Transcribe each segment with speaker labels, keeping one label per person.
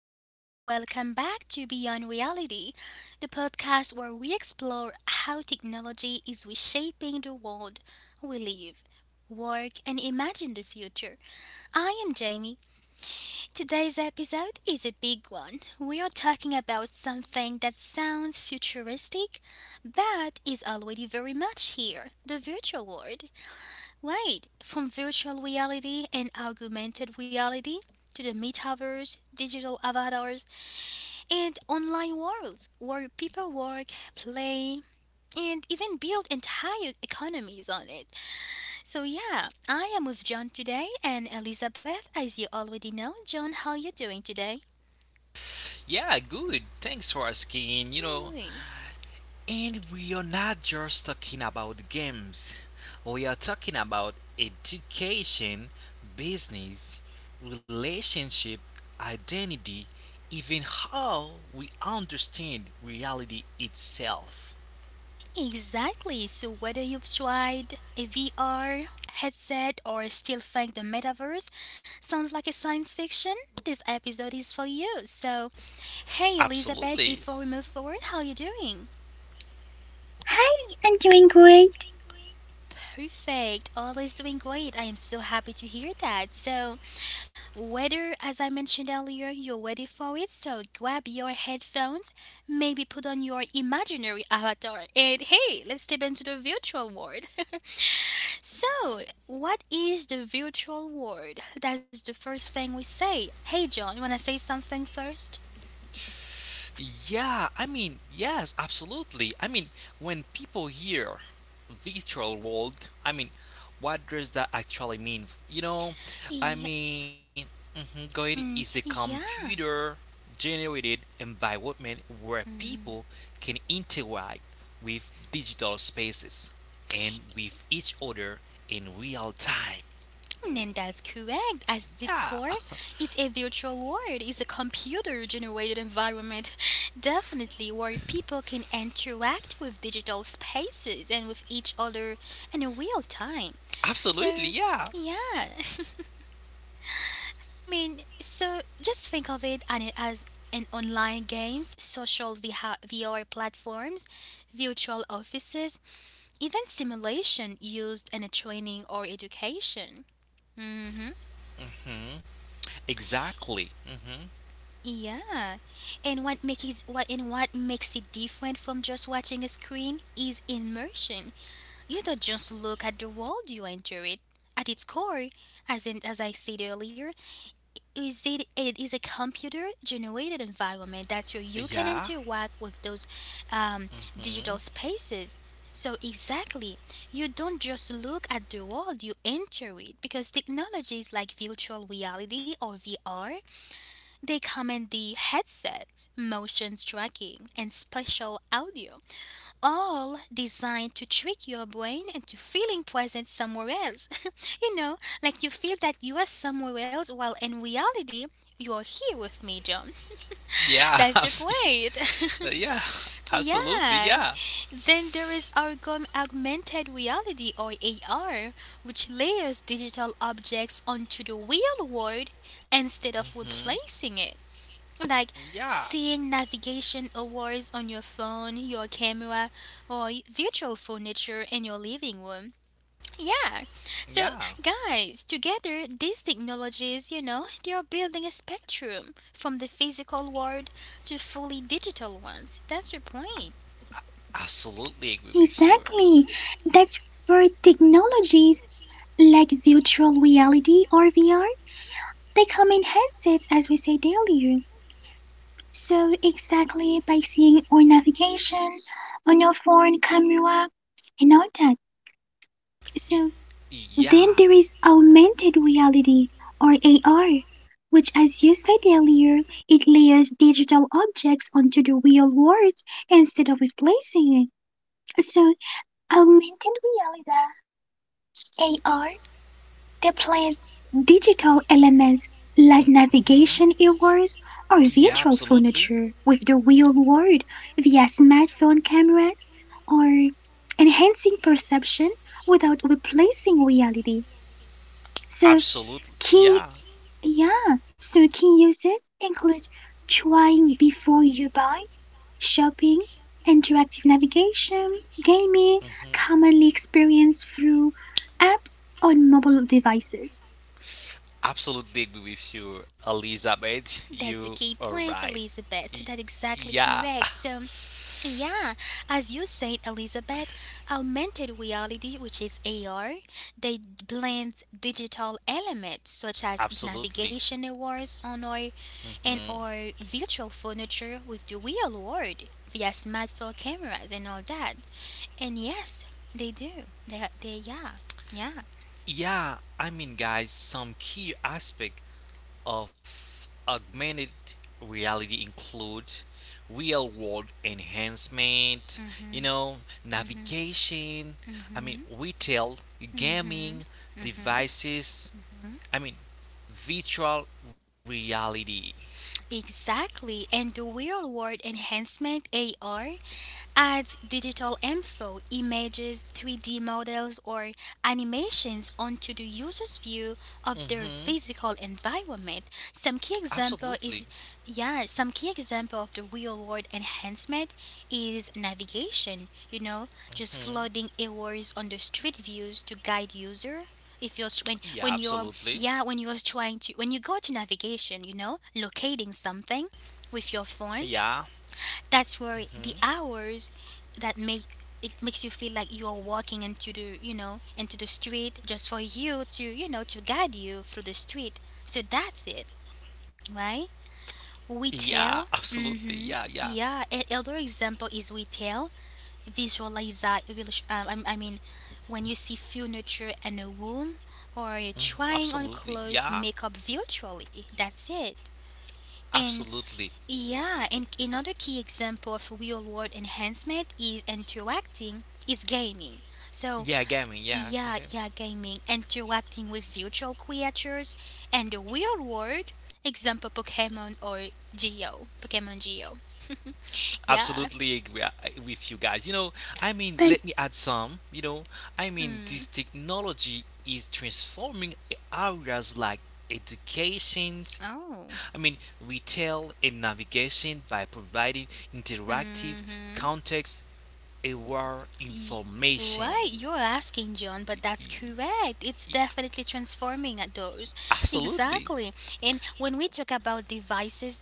Speaker 1: Welcome, welcome back to Beyond Reality, the podcast where we explore how technology is reshaping the world we live, work, and imagine the future. I am Jamie. Today's episode is a big one. We are talking about something that sounds futuristic but is already very much here, the virtual world. Right, from virtual reality and augmented reality to the metaverse, digital avatars, and online worlds where people work, play, and even build entire economies on it. So yeah, I am with John today and Elizabeth, as you already know. John, how you doing today?
Speaker 2: Yeah, good. Thanks for asking.
Speaker 1: Great.
Speaker 2: And we are not just talking about games. We are talking about education, business, relationship, identity, even how we understand reality itself.
Speaker 1: Exactly. So whether you've tried a VR headset or still think the metaverse sounds like a science fiction, this episode is for you. So, hey
Speaker 2: Absolutely.
Speaker 1: Elizabeth, before we move forward, how you doing?
Speaker 3: Hi, I'm doing great.
Speaker 1: Perfect. Always doing great. I am so happy to hear that. So, whether as I mentioned earlier, you're ready for it, so grab your headphones, maybe put on your imaginary avatar, and hey, let's step into the virtual world. So, what is the virtual world? That's the first thing we say. Hey, John, you wanna say something first?
Speaker 2: Absolutely. When people hear virtual world, what does that actually mean? I
Speaker 1: Yeah.
Speaker 2: mean, mhm, Goid is a
Speaker 1: Mm, yeah,
Speaker 2: computer generated environment where people can interact with digital spaces and with each other in real time.
Speaker 1: and that's correct. At its core,
Speaker 2: Yeah,
Speaker 1: it's a virtual world. It's a computer-generated environment, definitely where people can interact with digital spaces and with each other in real time.
Speaker 2: absolutely.
Speaker 1: So,
Speaker 2: Yeah.
Speaker 1: yeah. I mean, so just think of it as an online games, social VH VR platforms, virtual offices, even simulation used in a training or education. Mm. Mhm.
Speaker 2: Mhm. Exactly. hmm
Speaker 1: Yeah. And what makes it, what makes it different from just watching a screen is immersion. You don't just look at the world, you enter it. At its core, as I said earlier, is it it is a computer generated environment that where you can
Speaker 2: Yeah.
Speaker 1: interact with those um,
Speaker 2: Mm-hmm.
Speaker 1: digital spaces. So exactly, you don't just look at the world, you enter it, because technologies like virtual reality or VR, they come in the headsets, motion tracking, and spatial audio, all designed to trick your brain into feeling present somewhere else. you know, like you feel that you are somewhere else, while in reality, you are here with me, John.
Speaker 2: Yeah,
Speaker 1: That's the point.
Speaker 2: yeah, absolutely,
Speaker 1: Yeah.
Speaker 2: yeah.
Speaker 1: Then there is our gum augmented reality, or AR, which layers digital objects onto the real world instead of
Speaker 2: hmm
Speaker 1: replacing it, like
Speaker 2: Yeah,
Speaker 1: seeing navigation awards on your phone, your camera, or virtual furniture in your living room. Yeah. So,
Speaker 2: yeah,
Speaker 1: guys, together, these technologies, they are building a spectrum from the physical world to fully digital ones. That's your point.
Speaker 2: absolutely agree with you.
Speaker 3: Exactly. That's where technologies like virtual reality or VR, they come in handsets as we said earlier. So exactly by seeing our navigation on our phone camera and all that. So
Speaker 2: Y-
Speaker 3: then there
Speaker 2: Yeah.
Speaker 3: is augmented reality or AR, which as you said earlier, it layers digital objects onto the real world instead of replacing it. So augmented reality (AR) deploys digital elements like
Speaker 2: hmm
Speaker 3: navigation earbuds or
Speaker 2: Yeah,
Speaker 3: virtual
Speaker 2: absolutely.
Speaker 3: furniture with the real world via smartphone cameras or enhancing perception without replacing reality. So
Speaker 2: Absolutely.
Speaker 3: key
Speaker 2: Yeah.
Speaker 3: yeah, so, key uses include trying before you buy, shopping, interactive navigation, gaming,
Speaker 2: hmm
Speaker 3: commonly experienced through apps on mobile devices.
Speaker 2: Absolutely agree with you, Elizabeth.
Speaker 1: That's a
Speaker 2: You
Speaker 1: key
Speaker 2: are
Speaker 1: point,
Speaker 2: right.
Speaker 1: Elizabeth.
Speaker 2: Y-
Speaker 1: That's exactly
Speaker 2: Yeah,
Speaker 1: correct. So, yeah, as you said, Elizabeth, augmented reality, which is AR, they blend digital elements such as the navigation
Speaker 2: absolutely.
Speaker 1: awards on our and
Speaker 2: Mhm.
Speaker 1: our virtual furniture with the real world via smartphone cameras and all that. And yes, they do. They, yeah, yeah.
Speaker 2: Some key aspect of augmented reality include real world enhancement, you
Speaker 1: Mhm,
Speaker 2: know,
Speaker 1: mhm,
Speaker 2: navigation,
Speaker 1: mhm,
Speaker 2: retail,
Speaker 1: mhm,
Speaker 2: gaming,
Speaker 1: mhm.
Speaker 2: devices, I mean, virtual reality.
Speaker 1: Exactly, and the real world enhancement, AR add digital info, images, 3D models, or animations onto the user's view of their
Speaker 2: Mm-hmm.
Speaker 1: physical environment. Some key example
Speaker 2: Absolutely.
Speaker 1: is, yeah, some key example of the real world enhancement is navigation, you know, just
Speaker 2: Hmm.
Speaker 1: flooding errors on the street views to guide user. If you're
Speaker 2: Yeah,
Speaker 1: when you're
Speaker 2: absolutely.
Speaker 1: yeah, when you're trying to when you go to navigation, you know, locating something with your phone.
Speaker 2: Yeah.
Speaker 1: That's where
Speaker 2: Hmm.
Speaker 1: the hours, that make it makes you feel like you're walking into the, you know, into the street, just for you to, you know, to guide you through the street, so that's it, right? We
Speaker 2: Yeah,
Speaker 1: tell,
Speaker 2: absolutely. Yeah, yeah.
Speaker 1: mm-hmm, yeah, another example is we tell visualize. I mean, when you see furniture in a room, or
Speaker 2: Mhm.
Speaker 1: trying
Speaker 2: Absolutely.
Speaker 1: on
Speaker 2: Yeah,
Speaker 1: clothes, makeup virtually, that's it. And
Speaker 2: absolutely.
Speaker 1: yeah, and another key example of real-world enhancement is interacting, is gaming. So,
Speaker 2: Yeah, gaming. Yeah, go
Speaker 1: yeah,
Speaker 2: ahead.
Speaker 1: yeah, gaming, interacting with virtual creatures, and the real-world example, Pokemon or Geo, Pokemon Geo. Yeah.
Speaker 2: Absolutely agree with you guys.
Speaker 3: But,
Speaker 2: Let me add some.
Speaker 1: Mm.
Speaker 2: This technology is transforming areas like education,
Speaker 1: Oh.
Speaker 2: retail and navigation by providing interactive,
Speaker 1: Mm-hmm.
Speaker 2: context aware
Speaker 1: Y-
Speaker 2: information.
Speaker 1: Right, you're asking, John, but that's correct. It's
Speaker 2: Y-
Speaker 1: definitely transforming at those.
Speaker 2: Absolutely.
Speaker 1: Exactly. And when we talk about devices,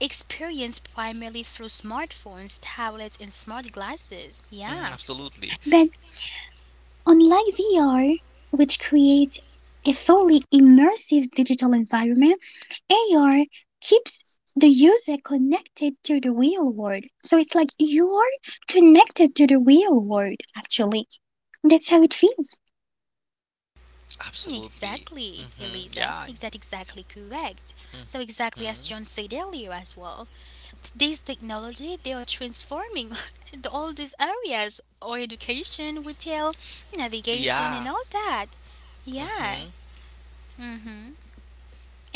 Speaker 1: experienced primarily through smartphones, tablets, and smart glasses.
Speaker 2: Mm,
Speaker 1: Yeah,
Speaker 2: absolutely.
Speaker 3: but unlike VR, which creates a fully immersive digital environment, AR keeps the user connected to the real world. So it's like you're connected to the real world, actually. That's how it feels.
Speaker 2: Absolutely.
Speaker 1: exactly,
Speaker 2: Hmm
Speaker 1: Eliza.
Speaker 2: Yeah.
Speaker 1: Is that exactly correct? So
Speaker 2: hmm
Speaker 1: exactly, as John said earlier as well, today's technology, they are transforming the- all these areas, or education, retail,
Speaker 2: Yeah.
Speaker 1: navigation, and all that.
Speaker 2: hmm
Speaker 1: Yeah. Mm-hmm.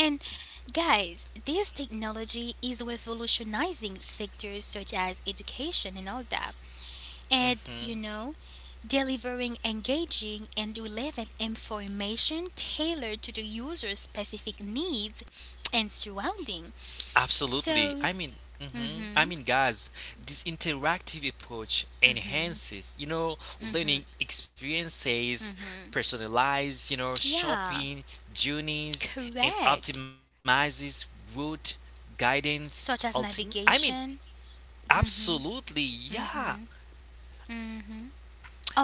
Speaker 1: And guys, this technology is revolutionizing sectors such as education and all that. And
Speaker 2: hmm
Speaker 1: you know, delivering engaging and relevant information tailored to the user's specific needs and surrounding.
Speaker 2: Absolutely.
Speaker 1: So,
Speaker 2: Mhm.
Speaker 1: mhm,
Speaker 2: I mean, guys, this interactive approach
Speaker 1: mhm,
Speaker 2: enhances,
Speaker 1: mhm,
Speaker 2: learning experiences,
Speaker 1: mhm.
Speaker 2: personalized,
Speaker 1: Yeah,
Speaker 2: shopping journeys, and
Speaker 1: correct.
Speaker 2: optimizes route guidance.
Speaker 1: Such as
Speaker 2: Ultim- I mean,
Speaker 1: navigation,
Speaker 2: Absolutely, yeah.
Speaker 1: mm,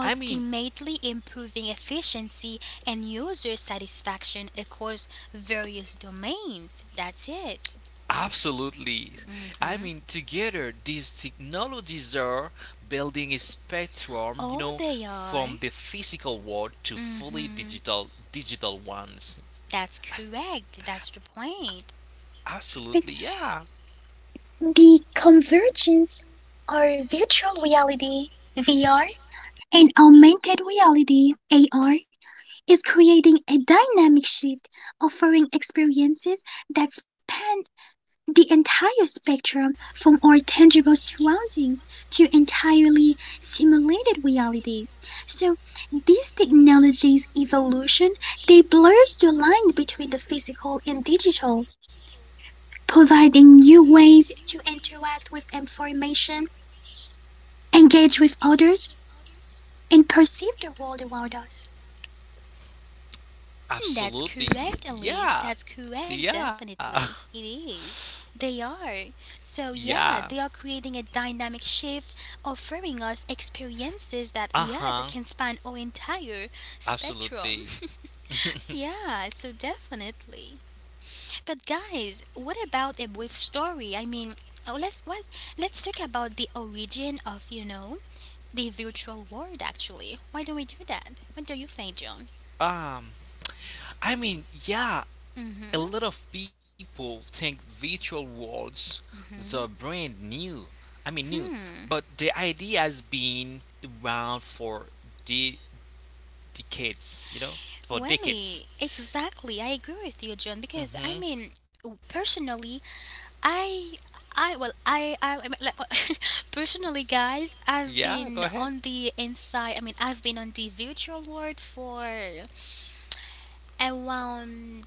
Speaker 2: I mean,
Speaker 1: improving efficiency and user satisfaction across various domains. That's it.
Speaker 2: Absolutely.
Speaker 1: Mhm.
Speaker 2: Together, these technologies are building a spectrum,
Speaker 1: Oh, they are.
Speaker 2: from the physical world to fully
Speaker 1: Mhm.
Speaker 2: digital ones.
Speaker 1: That's correct. That's the point.
Speaker 2: Absolutely,
Speaker 3: But
Speaker 2: yeah.
Speaker 3: the convergence are virtual reality, VR, and augmented reality (AR) is creating a dynamic shift, offering experiences that span the entire spectrum from our tangible surroundings to entirely simulated realities. So this technology's evolution, they blurs the line between the physical and digital, providing new ways to interact with information, engage with others, and perceive the world around us.
Speaker 1: Hmm, that's
Speaker 2: Absolutely,
Speaker 1: correct, Elise.
Speaker 2: yeah,
Speaker 1: That's correct,
Speaker 2: yeah,
Speaker 1: definitely. It is. They are. So,
Speaker 2: yeah.
Speaker 1: yeah, they are creating a dynamic shift, offering us experiences that,
Speaker 2: Uh
Speaker 1: yeah,
Speaker 2: huh.
Speaker 1: that can span our entire spectrum.
Speaker 2: Absolutely.
Speaker 1: Yeah, so definitely. But, guys, what about a brief story? I mean, oh, let's what? Let's talk about the origin of, you know, the virtual world, actually. Why don't we do that? What do you think, John?
Speaker 2: um, yeah.
Speaker 1: Mm
Speaker 2: A
Speaker 1: hmm.
Speaker 2: lot of people think virtual worlds are
Speaker 1: Mm
Speaker 2: brand new. I mean, new,
Speaker 1: hmm.
Speaker 2: but
Speaker 1: Hmm.
Speaker 2: the idea has been around for de- decades. For decades.
Speaker 1: Welly, exactly. I agree with you, John. Because
Speaker 2: Mm-hmm.
Speaker 1: I mean, personally, I, I well, I mean, like, personally, guys, I've
Speaker 2: Yeah, go
Speaker 1: been
Speaker 2: ahead.
Speaker 1: on the inside. I mean, I've been on the virtual world for around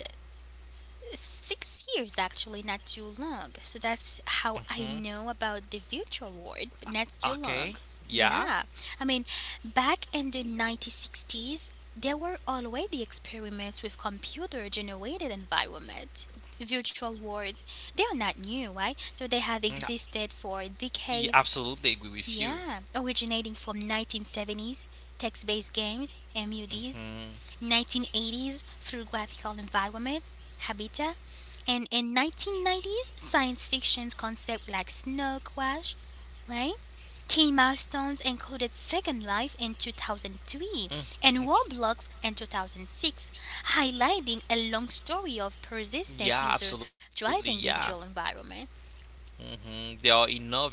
Speaker 1: 6 years actually, not too long. So that's how
Speaker 2: Hmm
Speaker 1: I know about the virtual world, but not too
Speaker 2: Okay.
Speaker 1: long.
Speaker 2: Yeah.
Speaker 1: Yeah, I mean, back in the 1960s, there were already experiments with computer generated environment. Virtual worlds, they are not new, right? So they have
Speaker 2: Mm, I
Speaker 1: existed for
Speaker 2: Yeah,
Speaker 1: decades.
Speaker 2: absolutely agree with you.
Speaker 1: Yeah, originating from 1970s, text-based games, MUDs,
Speaker 2: Hmm
Speaker 1: 1980s through graphical environment, habitat, and in 1990s, science fiction's concept like Snow Crash, right? Key milestones included Second Life in 2003
Speaker 2: Mm,
Speaker 1: and Roblox in 2006, highlighting a long story of persistent
Speaker 2: yeah,
Speaker 1: user
Speaker 2: absolutely. Yeah.
Speaker 1: driving the visual environment.
Speaker 2: hmm They are innovated.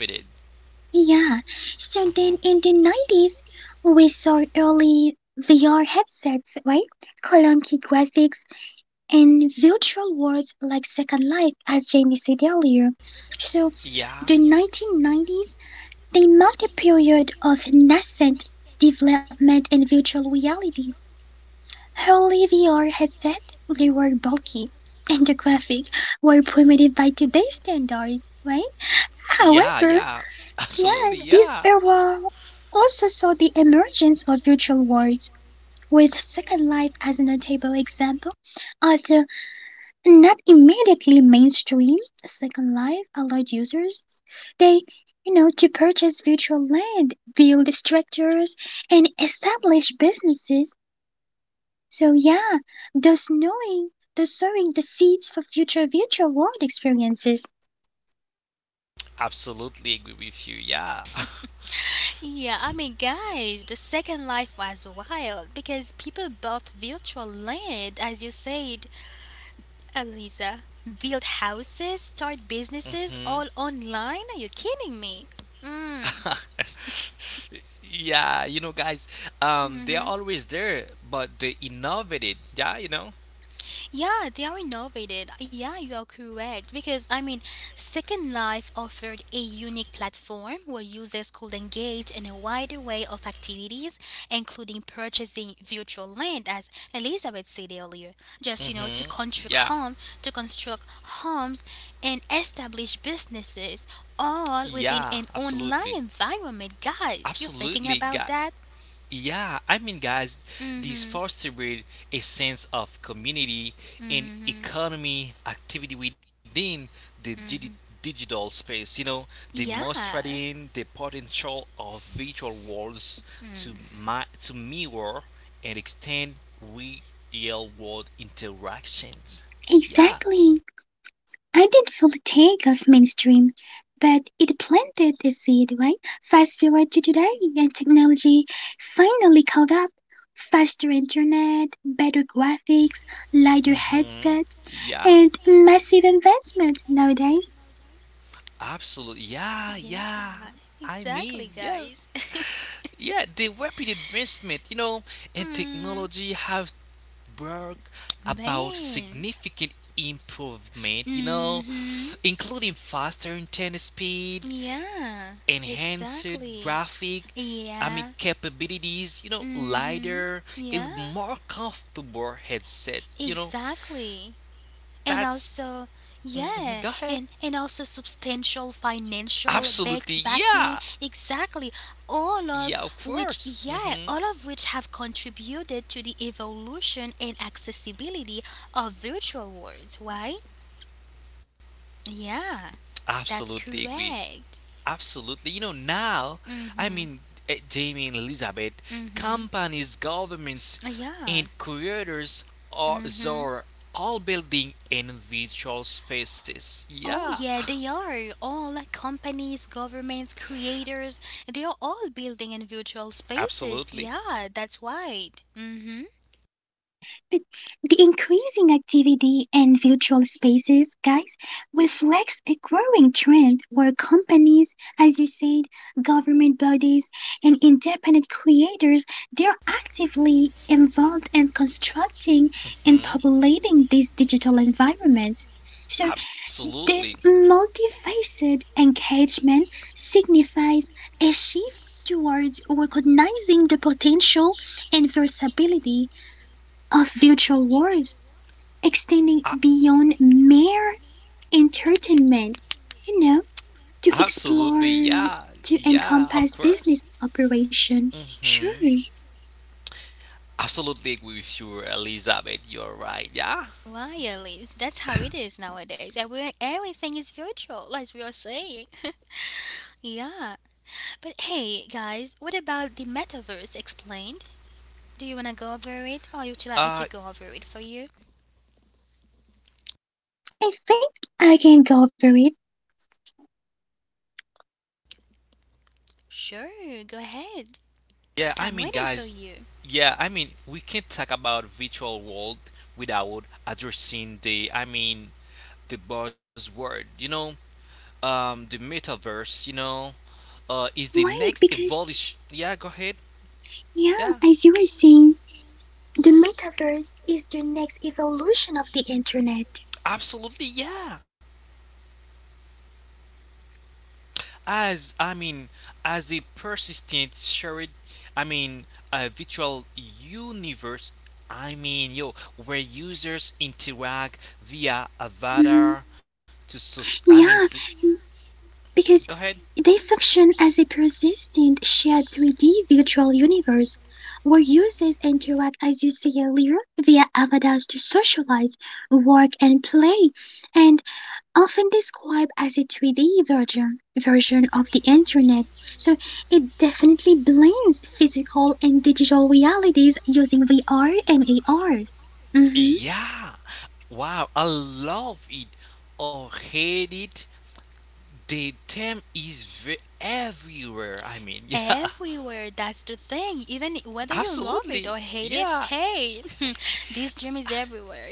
Speaker 3: Yeah, so then in the 90s, we saw early VR headsets, right? Clunky graphics and virtual worlds like Second Life, as Jamie said earlier. So
Speaker 2: Yeah.
Speaker 3: the 1990s, they marked a period of nascent development in virtual reality. Early VR headsets, they were bulky. And the graphics were primitive by today's standards, right?
Speaker 2: Yeah, yeah.
Speaker 3: However, yeah,
Speaker 2: Absolutely, yeah.
Speaker 3: this era also saw the emergence of virtual worlds, with Second Life as a notable example. Although not immediately mainstream, Second Life allowed users they you know to purchase virtual land, build structures, and establish businesses. So yeah, thus sowing the seeds for future virtual world experiences.
Speaker 2: Absolutely agree with you, yeah.
Speaker 1: Yeah, I mean, guys, the Second Life was wild, because people bought virtual land, as you said, Eliza, build houses, start businesses,
Speaker 2: hmm
Speaker 1: all online? Are you kidding me? Mm.
Speaker 2: yeah, you know, guys, they are always there, but they innovated, yeah, you know.
Speaker 1: Yeah, they are innovated. Yeah, you are correct. Because, I mean, Second Life offered a unique platform where users could engage in a wide array of activities, including purchasing virtual land, as Elizabeth said earlier. Just, you know, to
Speaker 2: Hmm
Speaker 1: construct
Speaker 2: Yeah,
Speaker 1: home, to construct homes and establish businesses, all within
Speaker 2: yeah,
Speaker 1: an online
Speaker 2: absolutely,
Speaker 1: environment. Guys, you're thinking
Speaker 2: absolutely,
Speaker 1: about
Speaker 2: guy.
Speaker 1: that?
Speaker 2: Yeah, I mean, guys, this
Speaker 1: Mm-hmm.
Speaker 2: foster breed a sense of community and
Speaker 1: Mm-hmm.
Speaker 2: economy activity within the
Speaker 1: Mm.
Speaker 2: digital space.
Speaker 1: Yeah,
Speaker 2: Demonstrating the potential of virtual worlds to my to mirror and extend real world interactions. Yeah.
Speaker 3: Exactly. I did not fully take off mainstream, but it planted a seed, right? Fast forward to today, and technology finally caught up. Faster internet, better graphics, lighter
Speaker 2: Mm-hmm.
Speaker 3: headsets,
Speaker 2: Yeah.
Speaker 3: and massive advancements nowadays.
Speaker 2: Absolutely. Yeah.
Speaker 1: yeah,
Speaker 2: Yeah. I mean,
Speaker 1: exactly,
Speaker 2: yeah.
Speaker 1: guys.
Speaker 2: Yeah, the rapid advancement, in
Speaker 1: Mm,
Speaker 2: technology have brought about
Speaker 1: man.
Speaker 2: significant improvement,
Speaker 1: Mm-hmm.
Speaker 2: including faster internet speed,
Speaker 1: Yeah,
Speaker 2: enhanced
Speaker 1: exactly.
Speaker 2: graphic,
Speaker 1: Yeah.
Speaker 2: capabilities,
Speaker 1: Mm-hmm.
Speaker 2: lighter, a
Speaker 1: Yeah,
Speaker 2: more comfortable headset, you know.
Speaker 1: exactly. And
Speaker 2: That's
Speaker 1: also,
Speaker 2: mhm, Go
Speaker 1: yeah,
Speaker 2: ahead.
Speaker 1: and also substantial financial back
Speaker 2: Absolutely,
Speaker 1: backing.
Speaker 2: yeah,
Speaker 1: Exactly, all of
Speaker 2: yeah, of
Speaker 1: which,
Speaker 2: course.
Speaker 1: yeah,
Speaker 2: Hmm
Speaker 1: all of which have contributed to the evolution and accessibility of virtual worlds. Why? Yeah, that's
Speaker 2: Absolutely agree.
Speaker 1: correct.
Speaker 2: Absolutely. You know, now, I
Speaker 1: Mm-hmm.
Speaker 2: mean, eh, Jamie and Elizabeth,
Speaker 1: Mm-hmm.
Speaker 2: companies, governments,
Speaker 1: Yeah.
Speaker 2: and creators are,
Speaker 1: Mm-hmm.
Speaker 2: are all building in virtual spaces.
Speaker 1: Oh
Speaker 2: Yeah,
Speaker 1: yeah, they are. All like, companies, governments, creators, they are all building in virtual spaces.
Speaker 2: absolutely.
Speaker 1: Yeah, that's right. Mm-hmm.
Speaker 3: But the increasing activity in virtual spaces, guys, reflects a growing trend where companies, as you said, government bodies, and independent creators, they're actively involved in constructing and
Speaker 2: Hmm.
Speaker 3: populating these digital environments. So
Speaker 2: Absolutely.
Speaker 3: this multifaceted engagement signifies a shift towards recognizing the potential and versatility of virtual worlds
Speaker 2: A-
Speaker 3: extending beyond mere entertainment, you know, to
Speaker 2: Absolutely.
Speaker 3: explore,
Speaker 2: Yeah.
Speaker 3: to
Speaker 2: Yeah, of
Speaker 3: encompass
Speaker 2: course.
Speaker 3: business operation. Sure,
Speaker 2: Mhm. Absolutely agree with you, Elizabeth. You're right. Yeah.
Speaker 1: Why, Alice? That's how it is nowadays. Everything is virtual, as we are saying. Yeah. But hey, guys, what about the metaverse explained? Do you want to go over it, or would you like me
Speaker 2: Uh
Speaker 1: to go over it for you?
Speaker 3: I think I can go over it.
Speaker 1: Sure, go ahead.
Speaker 2: yeah, I
Speaker 1: I'm
Speaker 2: mean
Speaker 1: waiting for
Speaker 2: guys,
Speaker 1: you.
Speaker 2: Yeah, we can't talk about virtual world without addressing the buzzword. The metaverse. Is the
Speaker 3: Why?
Speaker 2: next
Speaker 3: Because,
Speaker 2: evolution. Yeah, go ahead.
Speaker 3: yeah,
Speaker 2: Yeah,
Speaker 3: as you were saying, the metaverse is the next evolution of the internet.
Speaker 2: absolutely. Yeah, as I mean, as a persistent shared, I mean, a virtual universe. I mean, yo, where users interact via
Speaker 3: Mhm.
Speaker 2: avatar to, soc- I mean,
Speaker 3: Yeah,
Speaker 2: so,
Speaker 3: because
Speaker 2: go ahead.
Speaker 3: they function as a persistent shared 3D virtual universe where users interact, as you said earlier, via avatars to socialize, work, and play, and often described as a 3D version of the internet. So it definitely blends physical and digital realities using VR and AR.
Speaker 2: Yeah. Wow, I love it or hate it. The term is everywhere. Yeah,
Speaker 1: Everywhere, that's the thing. Even whether you love it
Speaker 2: absolutely.
Speaker 1: or hate it,
Speaker 2: Yeah.
Speaker 1: hey, this dream is everywhere.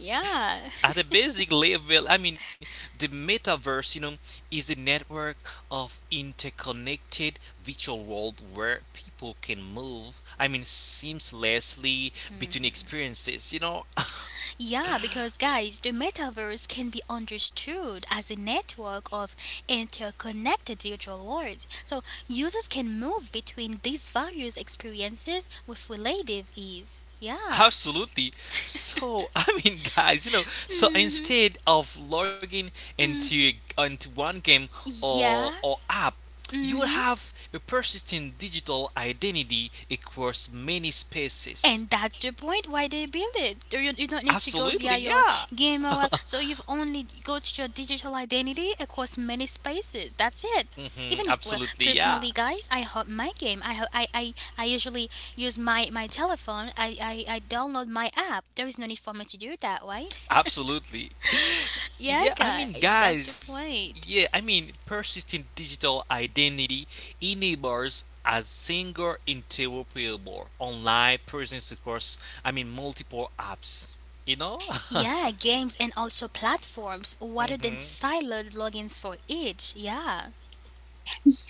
Speaker 1: Yeah.
Speaker 2: At a basic level, the metaverse, is a network of interconnected virtual world where people can move, seamlessly between
Speaker 1: Mhm.
Speaker 2: experiences, you know.
Speaker 1: Yeah, because guys, the metaverse can be understood as a network of interconnected virtual worlds. So users can move between these various experiences with relative ease. Yeah.
Speaker 2: Absolutely. So, so
Speaker 1: Hmm.
Speaker 2: instead of logging into
Speaker 1: Hmm.
Speaker 2: into one game
Speaker 1: Yeah.
Speaker 2: or app, you will
Speaker 1: Hmm.
Speaker 2: have a persistent digital identity across many spaces.
Speaker 1: And that's the point why they build it. You don't need to go
Speaker 2: Absolutely,
Speaker 1: via your
Speaker 2: yeah.
Speaker 1: gamer app. So you've only got your digital identity across many spaces. That's it.
Speaker 2: Mhm.
Speaker 1: Even if, well,
Speaker 2: Absolutely, yeah.
Speaker 1: personally, guys, I hop my game. I, ho- I usually use my telephone. I download my app. There is no need for me to do it that way.
Speaker 2: Absolutely.
Speaker 1: Yeah,
Speaker 2: Yeah, I mean,
Speaker 1: guys, that's the
Speaker 2: guys,
Speaker 1: point.
Speaker 2: yeah, I mean, Persistent digital identity enables a single interoperable online presence across, multiple apps. You know?
Speaker 1: Yeah, games and also platforms rather than
Speaker 2: hmm
Speaker 1: siloed logins for each. Yeah.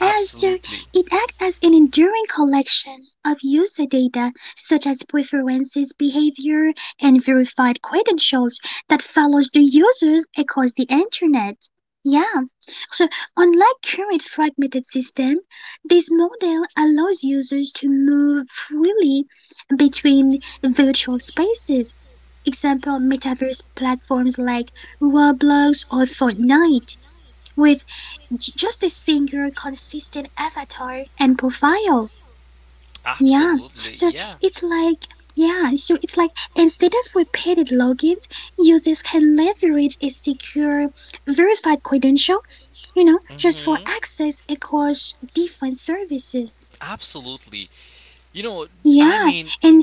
Speaker 3: Yeah, so it acts as an enduring collection of user data such as preferences, behavior, and verified credentials that follows the users across the internet. Yeah, so unlike current fragmented system, this model allows users to move freely between virtual spaces. Example metaverse platforms like Roblox or Fortnite, where j- just a single consistent avatar and profile. Yeah.
Speaker 2: Absolutely.
Speaker 3: So
Speaker 2: Yeah.
Speaker 3: it's like yeah, so it's like instead of repeated logins, users can leverage a secure verified credential, you know, just
Speaker 2: hmm
Speaker 3: for access across different services.
Speaker 2: Absolutely.
Speaker 3: Yeah,
Speaker 2: You know,
Speaker 3: and
Speaker 2: I mean,
Speaker 3: there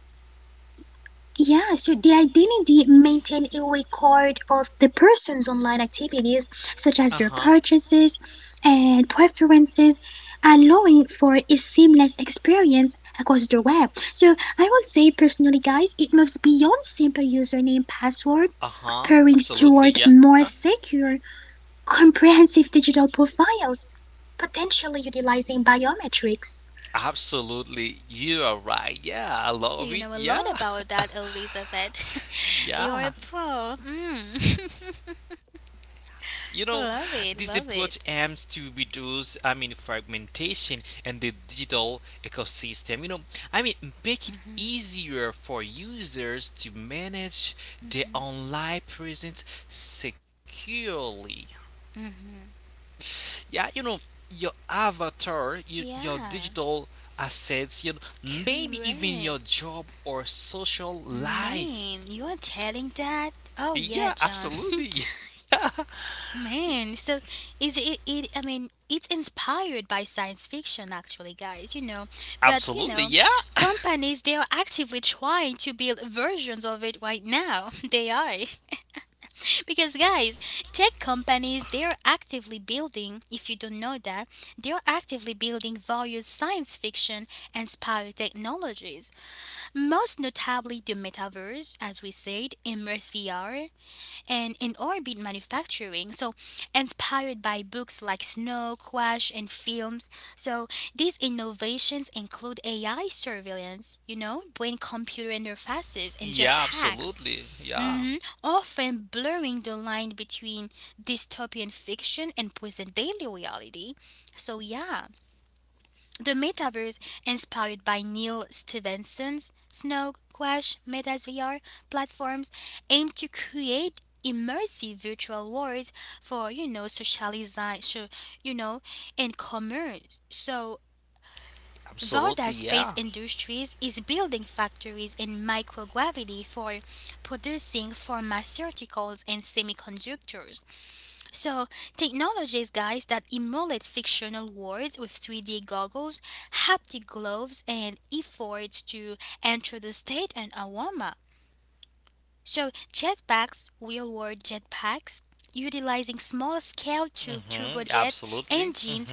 Speaker 3: Yeah, so the identity maintains a record of the person's online activities, such as their purchases
Speaker 2: uh huh.
Speaker 3: and preferences, allowing for a seamless experience across the web. So I will say personally, guys, it moves beyond simple username password pairings
Speaker 2: Uh huh.
Speaker 3: toward more
Speaker 2: Absolutely. Yeah.
Speaker 3: secure, comprehensive digital profiles, potentially utilizing biometrics.
Speaker 2: Absolutely, you are right. Yeah, I
Speaker 1: Yeah,
Speaker 2: love
Speaker 1: you
Speaker 2: it.
Speaker 1: know a lot
Speaker 2: Yeah,
Speaker 1: about that, Elizabeth. You're a
Speaker 2: yeah.
Speaker 1: pro. Mm.
Speaker 2: You know,
Speaker 1: Love
Speaker 2: this
Speaker 1: it, love
Speaker 2: approach
Speaker 1: it.
Speaker 2: aims to reduce, fragmentation and the digital ecosystem. I mean, Make it easier for users to manage their online presence securely.
Speaker 1: Mhm.
Speaker 2: Yeah, you know, your avatar, your
Speaker 1: Yeah,
Speaker 2: digital assets, you know, maybe even your
Speaker 1: correct.
Speaker 2: job or social life.
Speaker 1: Man, you're telling that? Oh yeah,
Speaker 2: Yeah,
Speaker 1: John.
Speaker 2: absolutely. Yeah.
Speaker 1: Man, so is it? I mean, it's inspired by science fiction, actually, guys. But
Speaker 2: Absolutely. Yeah.
Speaker 1: companies, they are actively trying to build versions of it right now. They are. Because guys, tech companies, they're actively building, if you don't know that, they're actively building various science fiction inspired technologies, most notably the metaverse, as we said, immersive VR, and in orbit manufacturing. So inspired by books like Snow Crash, and films. So these innovations include AI surveillance, brain computer interfaces and
Speaker 2: Yeah,
Speaker 1: jetpacks.
Speaker 2: absolutely. Yeah.
Speaker 1: Mhm, often blurring the line between dystopian fiction and present daily reality. So, yeah, the metaverse, inspired by Neil Stevenson's Snow Crash Metas VR platforms, aim to create immersive virtual worlds for socializing, so, you know, and commerce. So Varda
Speaker 2: Absolutely.
Speaker 1: Space
Speaker 2: Yeah.
Speaker 1: Industries is building factories in microgravity for producing pharmaceuticals and semiconductors. So, technologies, guys, that emulate fictional worlds with 3D goggles, haptic gloves, and efforts to introduce state and aroma. So, jetpacks, real world jetpacks, utilizing small scale
Speaker 2: Mhm. Absolutely.
Speaker 1: turbojet
Speaker 2: Mhm.
Speaker 1: engines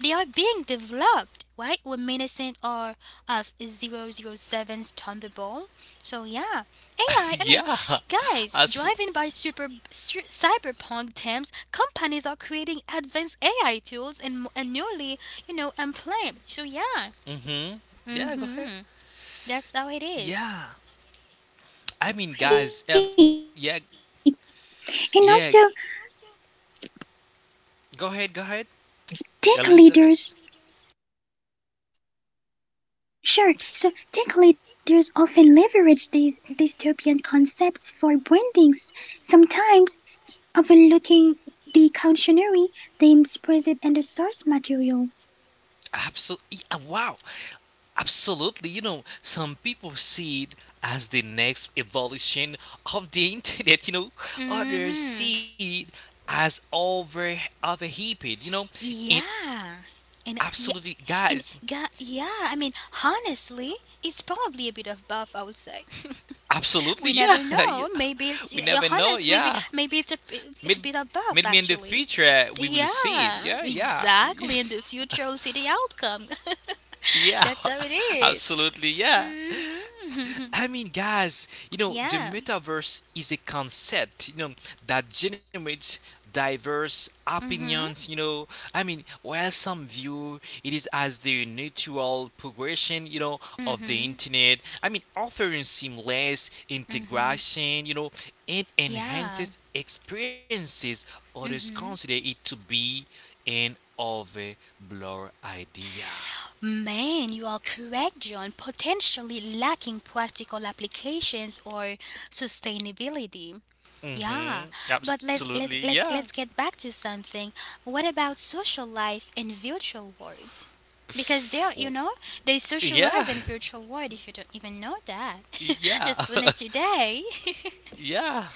Speaker 1: they are being developed, right? Reminiscent or of 007's Thunderbolt. So yeah, AI. I I
Speaker 2: Yeah.
Speaker 1: mean,
Speaker 2: As
Speaker 1: guys, driving by cyberpunk terms, companies are creating advanced AI tools and newly, employed. So yeah,
Speaker 2: mhm. Yeah, go ahead.
Speaker 1: mm-hmm. That's how it
Speaker 2: Yeah.
Speaker 1: is.
Speaker 2: I mean, guys, and yeah,
Speaker 3: Wait, and
Speaker 2: yeah,
Speaker 3: also
Speaker 2: Go ahead, go ahead.
Speaker 3: tech
Speaker 2: Elizabeth.
Speaker 3: leaders Sure. So tech leaders often leverage these dystopian concepts for brandings, sometimes overlooking the cautionary themes present in the source material.
Speaker 2: Absolutely. Wow. Absolutely. You know, some people see it as the next evolution of the internet. You know, others
Speaker 1: Mm-hmm.
Speaker 2: see it as overheated. You know, and
Speaker 1: Yeah. And yeah,
Speaker 2: Absolutely,
Speaker 1: and
Speaker 2: guys.
Speaker 1: ga- yeah, I mean, honestly, it's probably a bit of both, I would say.
Speaker 2: Absolutely,
Speaker 1: We never
Speaker 2: yeah.
Speaker 1: know. Maybe it's
Speaker 2: We never know.
Speaker 1: Johannes. Maybe
Speaker 2: Yeah.
Speaker 1: maybe it's a
Speaker 2: Mid-
Speaker 1: bit of both
Speaker 2: Maybe in the
Speaker 1: actually.
Speaker 2: future we will see it.
Speaker 1: Yeah,
Speaker 2: Yeah, yeah,
Speaker 1: exactly. In the future, we'll see the outcome.
Speaker 2: yeah.
Speaker 1: That's how it is.
Speaker 2: Absolutely, yeah.
Speaker 1: Mm-hmm.
Speaker 2: I mean, guys, the
Speaker 1: Yeah.
Speaker 2: metaverse is a concept, you know, that generates diverse
Speaker 1: Mm-hmm.
Speaker 2: opinions, you know. While some view it is as the natural progression, of
Speaker 1: Mm-hmm.
Speaker 2: the internet, offering seamless
Speaker 1: Mm-hmm.
Speaker 2: integration, and
Speaker 1: Yeah.
Speaker 2: enhances experiences, others
Speaker 1: Mm-hmm.
Speaker 2: consider it to be an overblur idea.
Speaker 1: Man, you are correct, John. Potentially lacking practical applications or sustainability. Yeah,
Speaker 2: Mm-hmm.
Speaker 1: but let's let's
Speaker 2: Absolutely,
Speaker 1: let's
Speaker 2: yeah.
Speaker 1: let's get back to something. What about social life in virtual worlds? Because they are, you
Speaker 2: W-
Speaker 1: know, they socialize
Speaker 2: Yeah,
Speaker 1: in virtual world. If you don't even know that,
Speaker 2: Yeah,
Speaker 1: just learn it today.
Speaker 2: yeah.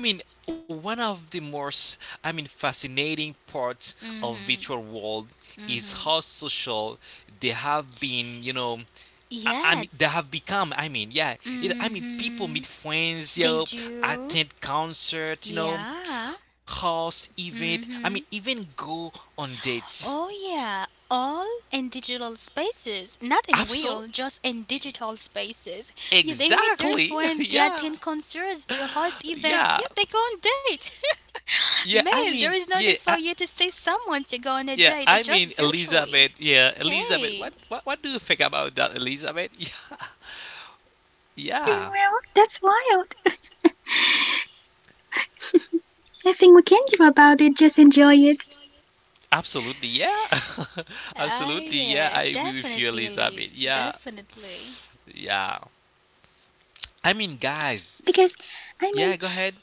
Speaker 2: I mean, One of the most, fascinating parts of virtual world is how social they have been.
Speaker 1: Yeah.
Speaker 2: They have become. People
Speaker 1: Mm-hmm.
Speaker 2: meet friends, you
Speaker 1: They
Speaker 2: know,
Speaker 1: do.
Speaker 2: attend concert, you know,
Speaker 1: Yeah.
Speaker 2: house event. Even go on dates.
Speaker 1: Oh, yeah, all in digital spaces, not in
Speaker 2: Absolutely,
Speaker 1: real, just in digital spaces. Yeah, they meet their
Speaker 2: exactly.
Speaker 1: friends, they
Speaker 2: Yeah,
Speaker 1: attend concerts, they host events,
Speaker 2: yeah,
Speaker 1: yeah, they go on date.
Speaker 2: yeah.
Speaker 1: Man, there is no need for you to see someone to go on a date, just
Speaker 2: Elizabeth.
Speaker 1: virtually.
Speaker 2: Yeah, Elizabeth.
Speaker 1: Hey,
Speaker 2: What do you think about that, Elizabeth? Yeah,
Speaker 3: Well, that's wild. Nothing we
Speaker 2: yeah.
Speaker 3: can do about it, just enjoy it.
Speaker 2: Y- Absolutely, yeah.
Speaker 1: ah,
Speaker 2: Absolutely, yeah. I
Speaker 1: yeah,
Speaker 2: agree with you,
Speaker 1: definitely,
Speaker 2: Elizabeth.
Speaker 1: Elise,
Speaker 2: Yeah,
Speaker 1: definitely.
Speaker 2: yeah. I mean, guys.
Speaker 3: Because, I mean,
Speaker 2: Yeah, go ahead.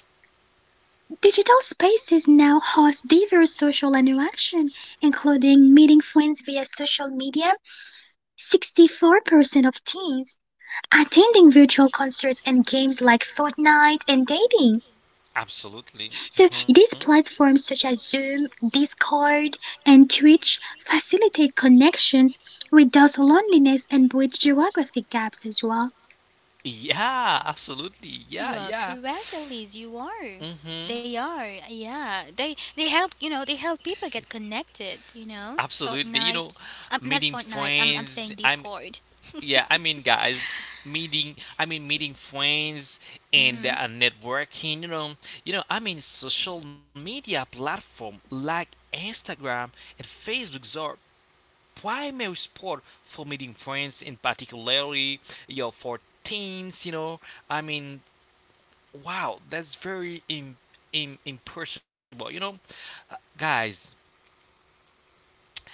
Speaker 3: digital spaces now host diverse social interaction, including meeting friends via social media. 64% of teens attending virtual concerts and games like Fortnite and dating.
Speaker 2: Absolutely. Hmm
Speaker 3: So these platforms such as Zoom, Discord, and Twitch facilitate connections, reduce loneliness, and bridge geographic gaps as well.
Speaker 2: Yeah, absolutely. Yeah,
Speaker 1: You are
Speaker 2: yeah.
Speaker 1: correct, Elise. You are.
Speaker 2: hmm
Speaker 1: They are. Yeah. They help. You know. They help people get connected. You know.
Speaker 2: Absolutely. You know,
Speaker 1: Fortnite.
Speaker 2: meeting
Speaker 1: Not Fortnite. I'm
Speaker 2: friends.
Speaker 1: saying
Speaker 2: I'm
Speaker 1: Discord.
Speaker 2: Yeah, I mean, guys, meeting. I mean, Meeting friends and
Speaker 1: Mhm.
Speaker 2: networking. Social media platform like Instagram and Facebook are primary sport for meeting friends, in particularly you know, for teens. I mean, wow, that's very imperishable. You know, guys.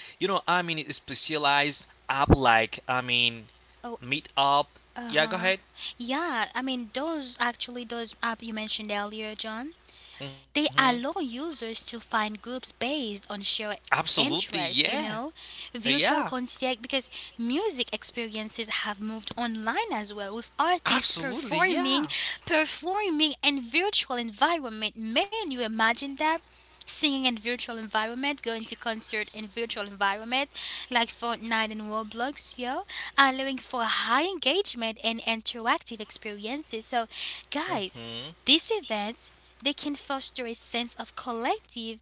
Speaker 2: It's specialized app like
Speaker 1: Oh.
Speaker 2: Meetup.
Speaker 1: Uh
Speaker 2: Yeah, go
Speaker 1: huh.
Speaker 2: ahead.
Speaker 1: Yeah. I mean, those actually those app you mentioned earlier, John.
Speaker 2: Mm-hmm.
Speaker 1: They allow users to find groups based on shared
Speaker 2: Absolutely,
Speaker 1: interest,
Speaker 2: yeah.
Speaker 1: you know,
Speaker 2: Yeah.
Speaker 1: virtual concert because music experiences have moved online as well with artists
Speaker 2: Absolutely,
Speaker 1: performing
Speaker 2: yeah.
Speaker 1: performing in virtual environment. Man, you imagine that? Singing in virtual environment, going to concert in virtual environment like Fortnite and Roblox, yo, allowing for high engagement and interactive experiences. So guys,
Speaker 2: Mm-hmm.
Speaker 1: this event they can foster a sense of collective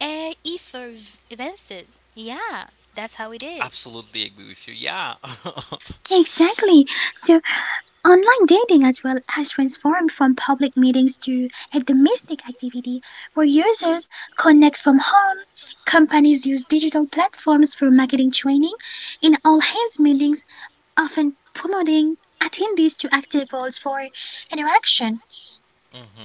Speaker 1: effervescence. Yeah, that's how it is.
Speaker 2: Absolutely agree with you. Yeah.
Speaker 3: Exactly. So online dating as well has transformed from public meetings to a domestic activity where users connect from home. Companies use digital platforms for marketing training in all hands meetings, often promoting attendees to active roles for interaction.
Speaker 2: hmm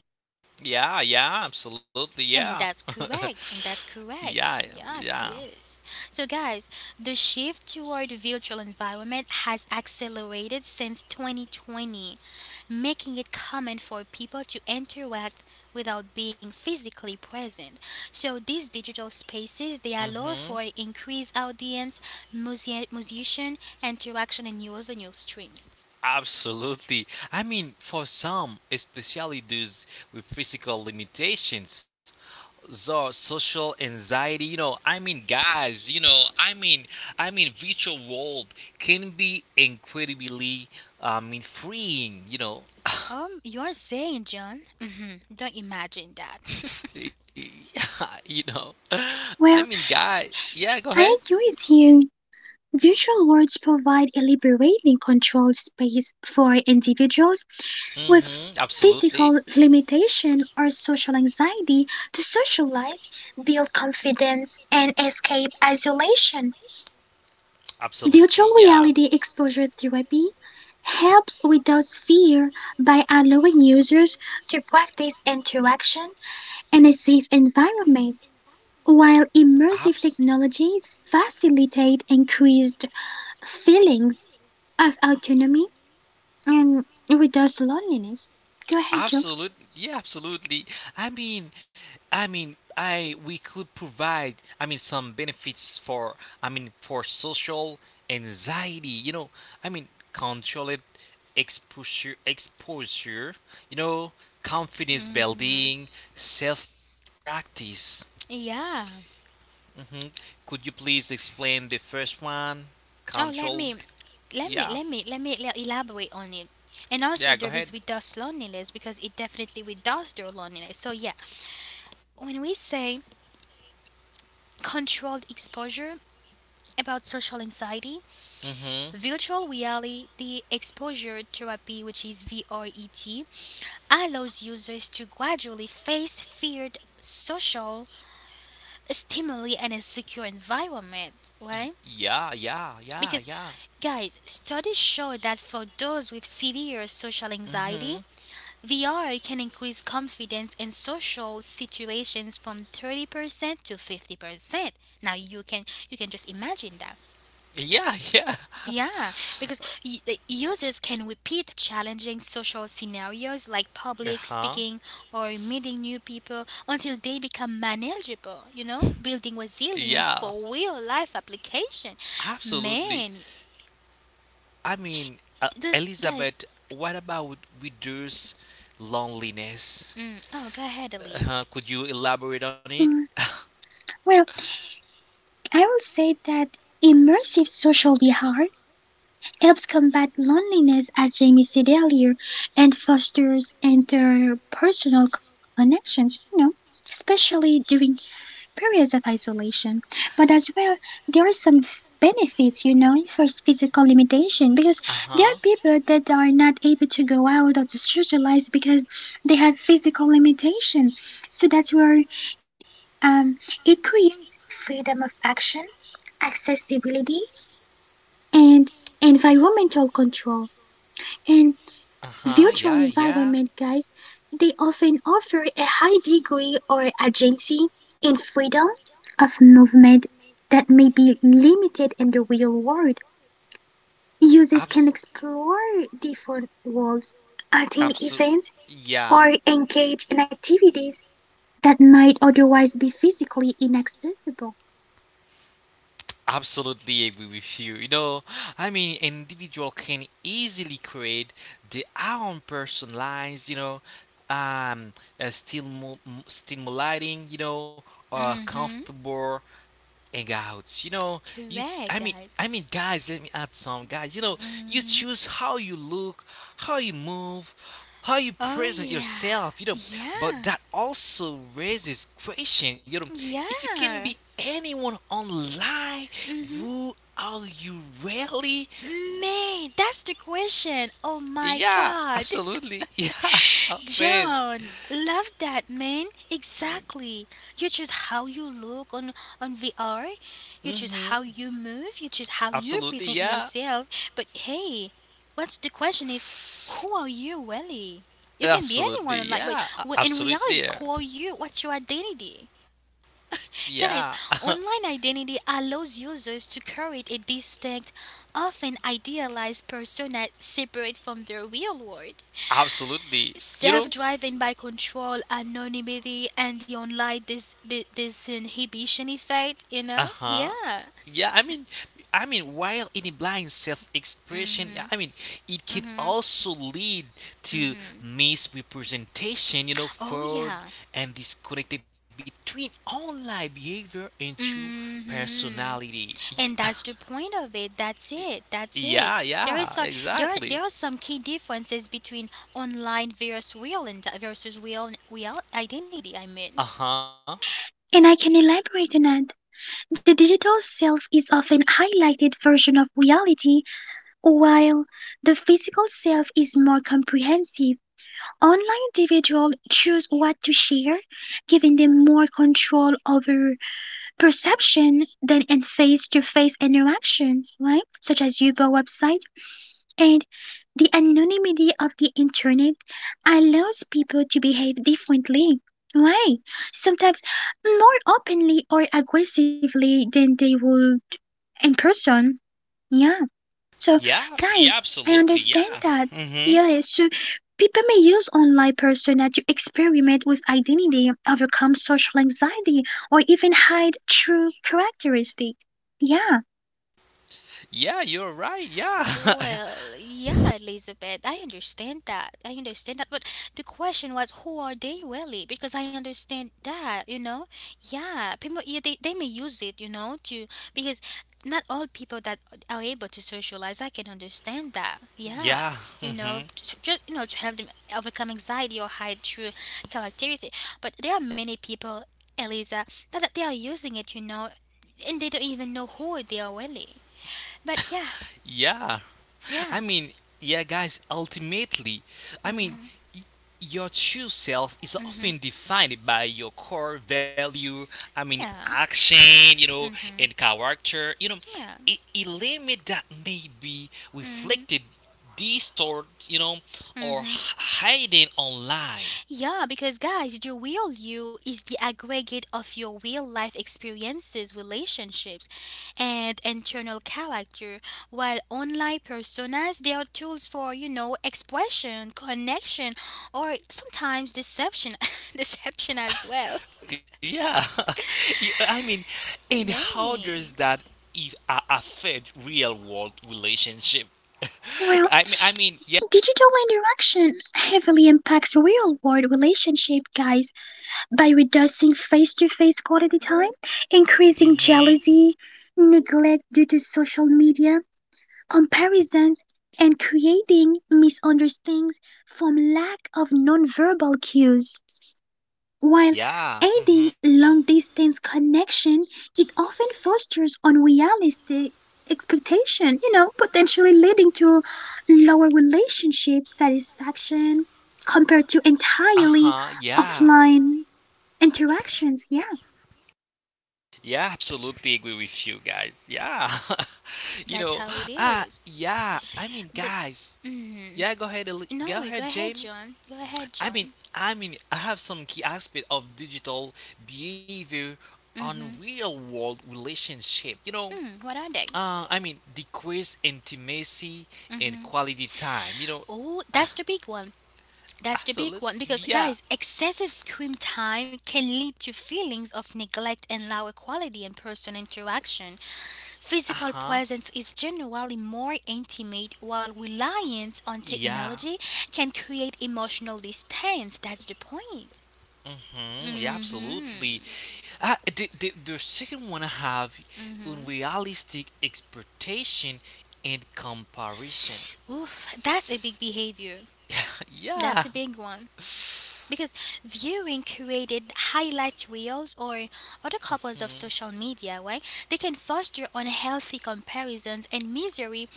Speaker 2: Yeah, yeah, absolutely, yeah.
Speaker 1: And that's correct. And that's
Speaker 2: yeah,
Speaker 1: correct. Yeah,
Speaker 2: yeah.
Speaker 1: it is. So, guys, the shift toward virtual environment has accelerated since 2020, making it common for people to interact without being physically present. So, these digital spaces they allow
Speaker 2: Mm-hmm.
Speaker 1: for increased audience, musician interaction, and new revenue streams.
Speaker 2: Absolutely. For some, especially those with physical limitations, so social anxiety you know I mean guys you know I mean virtual world can be incredibly freeing you know.
Speaker 1: You're saying, John? Hmm. Don't imagine that.
Speaker 2: yeah you know I mean
Speaker 3: Well,
Speaker 2: guy Yeah go ahead.
Speaker 3: I agree with you. Virtual worlds provide a liberating control space for individuals with
Speaker 2: Mm-hmm absolutely.
Speaker 3: physical limitation or social anxiety to socialize, build confidence, and escape isolation.
Speaker 2: Absolutely,
Speaker 3: Virtual
Speaker 2: yeah.
Speaker 3: reality exposure therapy helps with those fear by allowing users to practice interaction and a safe environment, while
Speaker 2: Abs-
Speaker 3: immersive technology facilitate increased feelings of autonomy and reduce loneliness. Go ahead, Joe.
Speaker 2: Absolutely, yeah, absolutely. I mean, I mean, I We could provide, some benefits for, for social anxiety. Controlled exposure. You know, confidence
Speaker 1: Mm hmm.
Speaker 2: building, self practice.
Speaker 1: Yeah.
Speaker 2: Hmm Could you please explain the first one?
Speaker 1: Oh, let
Speaker 2: Controlled,
Speaker 1: me, let me,
Speaker 2: yeah,
Speaker 1: let me, let me le- elaborate on it. And also,
Speaker 2: yeah. Go
Speaker 1: there
Speaker 2: ahead.
Speaker 1: is with us loneliness because it definitely with us their loneliness. So yeah, when we say controlled exposure about social anxiety,
Speaker 2: Mm-hmm.
Speaker 1: virtual reality exposure therapy, which is VRET, allows users to gradually face feared social stimuli and a secure environment, right?
Speaker 2: Yeah, yeah, yeah,
Speaker 1: Because
Speaker 2: yeah.
Speaker 1: guys, studies show that for those with severe social anxiety,
Speaker 2: Mm-hmm.
Speaker 1: VR can increase confidence in social situations from 30% to 50%. Now you can just imagine that.
Speaker 2: Yeah, yeah.
Speaker 1: Yeah, because the users can repeat challenging social scenarios like public
Speaker 2: Uh-huh.
Speaker 1: speaking or meeting new people until they become manageable, you know, building resilience
Speaker 2: Yeah,
Speaker 1: for real life application.
Speaker 2: absolutely.
Speaker 1: Man,
Speaker 2: I mean,
Speaker 1: those guys,
Speaker 2: Elizabeth, what about widows' loneliness?
Speaker 1: mm, oh, go ahead, Elise.
Speaker 2: Uh-huh. Could you elaborate on it?
Speaker 3: Mm, Well, I will say that immersive social behavior helps combat loneliness, as Jamie said earlier, and fosters interpersonal connections, you know, especially during periods of isolation. But as well, there are some benefits, you know, for physical limitation, because there
Speaker 2: Uh-huh.
Speaker 3: are people that are not able to go out or to socialize because they have physical limitation. So that's where um, it creates freedom of action, accessibility, and environmental control. And
Speaker 2: Uh-huh.
Speaker 3: virtual
Speaker 2: Yeah, yeah.
Speaker 3: environment guys, they often offer a high degree or agency and freedom of movement that may be limited in the real world. Users
Speaker 2: Abs-
Speaker 3: can explore different worlds, attend
Speaker 2: abs-
Speaker 3: events,
Speaker 2: yeah.
Speaker 3: or engage in activities that might otherwise be physically inaccessible.
Speaker 2: Absolutely agree with you. Individual can easily create their own personalized, um, still stimulating,
Speaker 1: Mm hmm,
Speaker 2: comfortable hangouts. You know, you.
Speaker 1: correct, guys.
Speaker 2: I mean, guys. Let me add some guys. You know,
Speaker 1: Mm
Speaker 2: you
Speaker 1: hmm.
Speaker 2: choose how you look, how you move, how you
Speaker 1: Oh
Speaker 2: present
Speaker 1: yeah,
Speaker 2: yourself. You know, but
Speaker 1: yeah,
Speaker 2: that also raises question. You know, if you can be
Speaker 1: yeah.
Speaker 2: anyone online,
Speaker 1: Hmm.
Speaker 2: who are you really?
Speaker 1: Mate, that's the question. Oh my
Speaker 2: Yeah,
Speaker 1: God,
Speaker 2: absolutely. Yeah, oh, man.
Speaker 1: John, love that man. Exactly. You choose how you look on VR. You choose how
Speaker 2: Mm-hmm.
Speaker 1: you move. You choose how you
Speaker 2: Absolutely.
Speaker 1: present
Speaker 2: Yeah.
Speaker 1: yourself. But hey, what's the question is, who are you really? You can be anyone
Speaker 2: Absolutely.
Speaker 1: online, but
Speaker 2: Yeah.
Speaker 1: in reality,
Speaker 2: Absolutely.
Speaker 1: who
Speaker 2: Yeah.
Speaker 1: are you? What's your identity? Guys,
Speaker 2: Yeah.
Speaker 1: online identity allows users to create a distinct, often idealized persona separate from the real world.
Speaker 2: Absolutely. You
Speaker 1: Self
Speaker 2: know?
Speaker 1: driven by control, anonymity, and the online disinhibition effect, you know?
Speaker 2: Uh-huh.
Speaker 1: Yeah.
Speaker 2: Yeah, I mean while it implies self-expression, yeah,
Speaker 1: Mm
Speaker 2: it
Speaker 1: hmm.
Speaker 2: can
Speaker 1: Mm hmm.
Speaker 2: also lead
Speaker 1: Mm
Speaker 2: to
Speaker 1: hmm.
Speaker 2: misrepresentation, you know,
Speaker 1: Oh,
Speaker 2: fraud
Speaker 1: yeah.
Speaker 2: and disconnected between online behavior and true
Speaker 1: Mm hmm.
Speaker 2: personality.
Speaker 1: And that's the point of it. That's it.
Speaker 2: Yeah,
Speaker 1: There is
Speaker 2: yeah,
Speaker 1: like
Speaker 2: exactly.
Speaker 1: there are some key differences between online versus real and versus real identity, I mean.
Speaker 2: Uh-huh.
Speaker 3: And I can elaborate on that. The digital self is often highlighted version of reality, while the physical self is more comprehensive. Online individuals choose what to share, giving them more control over perception than in face-to-face interaction, right? Such as Uber website. And the anonymity of the internet allows people to behave differently, right? Sometimes more openly or aggressively than they would in person. Yeah. So,
Speaker 2: Yeah,
Speaker 3: guys,
Speaker 2: yeah,
Speaker 3: I
Speaker 2: absolutely,
Speaker 3: understand
Speaker 2: yeah.
Speaker 3: that.
Speaker 2: Mm-hmm.
Speaker 3: Yes, so people may use online persona to experiment with identity, overcome social anxiety, or even hide true characteristics. Yeah,
Speaker 2: Yeah, you're right, yeah.
Speaker 1: Well, yeah, Elizabeth, I understand that. I understand that. But the question was, who are they really? Because I understand that, you know? Yeah, people, yeah, they may use it, you know, to, because not all people that are able to socialize, I can understand that. Yeah.
Speaker 2: yeah.
Speaker 1: You know,
Speaker 2: Mm-hmm.
Speaker 1: just you know, to help them overcome anxiety or hide true characteristic. But there are many people, Eliza, that they are using it, you know, and they don't even know who they are really. But yeah,
Speaker 2: Yeah.
Speaker 1: yeah.
Speaker 2: I mean, Ultimately, I mean, your true self is
Speaker 1: Mm-hmm.
Speaker 2: often defined by your core value, I mean,
Speaker 1: Yeah.
Speaker 2: action, you know,
Speaker 1: Mhm.
Speaker 2: and character.
Speaker 1: Yeah.
Speaker 2: A limit that may be
Speaker 1: Mhm.
Speaker 2: reflected, distorted,
Speaker 1: Mhm.
Speaker 2: hidden online.
Speaker 1: Yeah, because guys, the real you is the aggregate of your real life experiences, relationships, and internal character, while online personas they are tools for, you know, expression, connection, or sometimes deception, deception as well.
Speaker 2: Yeah, You- I mean, and how
Speaker 1: May.
Speaker 2: does that if affect real world relationship?
Speaker 3: well,
Speaker 2: I mean, I mean, yeah.
Speaker 3: digital interaction heavily impacts real world relationship, guys, by reducing face to face quality time, increasing
Speaker 2: Mm-hmm.
Speaker 3: jealousy, neglect due to social media, comparisons, and creating misunderstandings from lack of nonverbal cues. While
Speaker 2: Yeah.
Speaker 3: aiding
Speaker 2: Mm-hmm.
Speaker 3: long distance connection, it often fosters unrealistic expectation, you know, potentially leading to lower relationship satisfaction compared to
Speaker 2: Uh
Speaker 3: entirely
Speaker 2: huh. Yeah.
Speaker 3: offline interactions. Yeah,
Speaker 2: Yeah, absolutely agree with you guys. Yeah. you know,
Speaker 1: That's how it
Speaker 2: ah,
Speaker 1: is.
Speaker 2: yeah. I mean,
Speaker 1: But
Speaker 2: guys. Yeah, go
Speaker 1: mm,
Speaker 2: ahead. Go ahead,
Speaker 1: no, go
Speaker 2: Jamie.
Speaker 1: ahead, John. Go
Speaker 2: I
Speaker 1: ahead,
Speaker 2: mean,
Speaker 1: John.
Speaker 2: I have some key aspect of digital behavior on real world relationship.
Speaker 1: Hmm, what are they?
Speaker 2: Decrease intimacy and quality time. You know,
Speaker 1: Oh, that's the big one. That's the big
Speaker 2: absolutely.
Speaker 1: one because,
Speaker 2: Yeah.
Speaker 1: guys, excessive screen time can lead to feelings of neglect and lower quality in person interaction.
Speaker 2: Uh-huh.
Speaker 1: Physical presence is generally more intimate, while reliance on
Speaker 2: Yeah.
Speaker 1: technology can create emotional distance. That's the point.
Speaker 2: Mm-hmm. Yeah,
Speaker 1: Mm
Speaker 2: absolutely.
Speaker 1: hmm.
Speaker 2: The second one have
Speaker 1: Mm hmm.
Speaker 2: unrealistic expectation and comparison.
Speaker 1: Oof, that's a big behavior. That's a
Speaker 2: yeah.
Speaker 1: big one.
Speaker 2: Hmm.
Speaker 1: Because viewing curated highlight reels or other couples of social media, right? They can foster unhealthy comparisons and misery,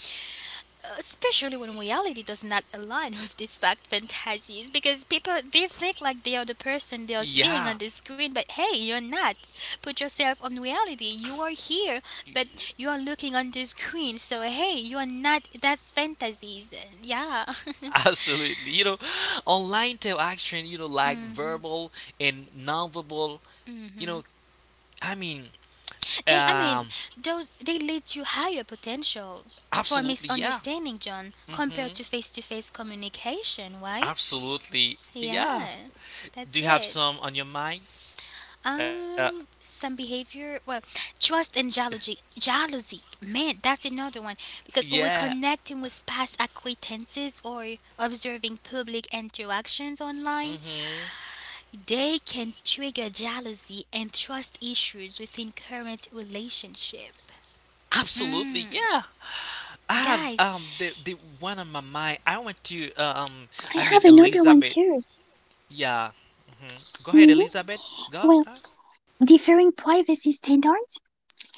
Speaker 1: especially when reality does not align with these fact fantasies. Because people they think like they are the person they are seeing on
Speaker 2: Yeah,
Speaker 1: the screen, but hey, you're not. Put yourself on reality. You are here, but you are looking on the screen. So hey, you are not. That's fantasies. Yeah.
Speaker 2: absolutely. Online interaction, like
Speaker 1: Mm.
Speaker 2: verbal and non-verbal, you know, I mean,
Speaker 1: They, I
Speaker 2: um,
Speaker 1: mean, those they lead to higher potential for
Speaker 2: absolutely, yeah.
Speaker 1: misunderstanding, John, compared
Speaker 2: Mm-hmm.
Speaker 1: to face-to-face communication. Why?
Speaker 2: Absolutely, yeah.
Speaker 1: Yeah,
Speaker 2: Do
Speaker 1: that's
Speaker 2: you have
Speaker 1: it.
Speaker 2: some on your mind? Uh,
Speaker 1: Some behavior. Well, trust and jealousy. Jealousy, man, that's another one because we're
Speaker 2: yeah.
Speaker 1: connecting with past acquaintances or observing public interactions online.
Speaker 2: Mm-hmm.
Speaker 1: They can trigger jealousy and trust issues within current relationship.
Speaker 2: Absolutely, yeah.
Speaker 1: Mm.
Speaker 2: I have
Speaker 1: Guys,
Speaker 2: the one on my mind. I want to I
Speaker 3: I
Speaker 2: mean
Speaker 3: have another one
Speaker 2: Elizabeth.
Speaker 3: too.
Speaker 2: Yeah. Hmm.
Speaker 3: Mhm.
Speaker 2: Go ahead, Elizabeth.
Speaker 3: Well,
Speaker 2: Go.
Speaker 3: differing privacy standards.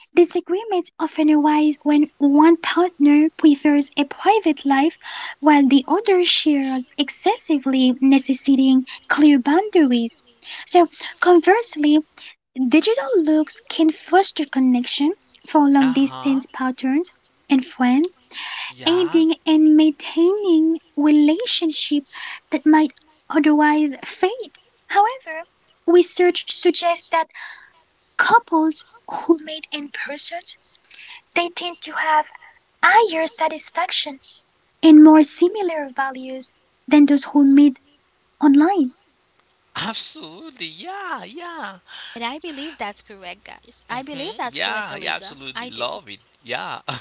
Speaker 3: Disagreements often arise when one partner prefers a private life while the other shares excessively, necessitating clear boundaries. So, conversely, digital looks can foster connection
Speaker 2: Uh
Speaker 3: for long
Speaker 2: huh.
Speaker 3: distance partners and friends,
Speaker 2: Yeah.
Speaker 3: aiding in maintaining relationships that might otherwise fade. However, research suggests that couples who meet in person, they tend to have higher satisfaction and more similar values than those who meet online.
Speaker 2: Absolutely. Yeah. Yeah.
Speaker 1: and I believe that's correct, guys. I
Speaker 2: Hmm.
Speaker 1: believe that's
Speaker 2: Yeah. Yeah.
Speaker 1: correct, Eliza.
Speaker 2: Absolutely
Speaker 1: I
Speaker 2: love
Speaker 1: do.
Speaker 2: it. Yeah.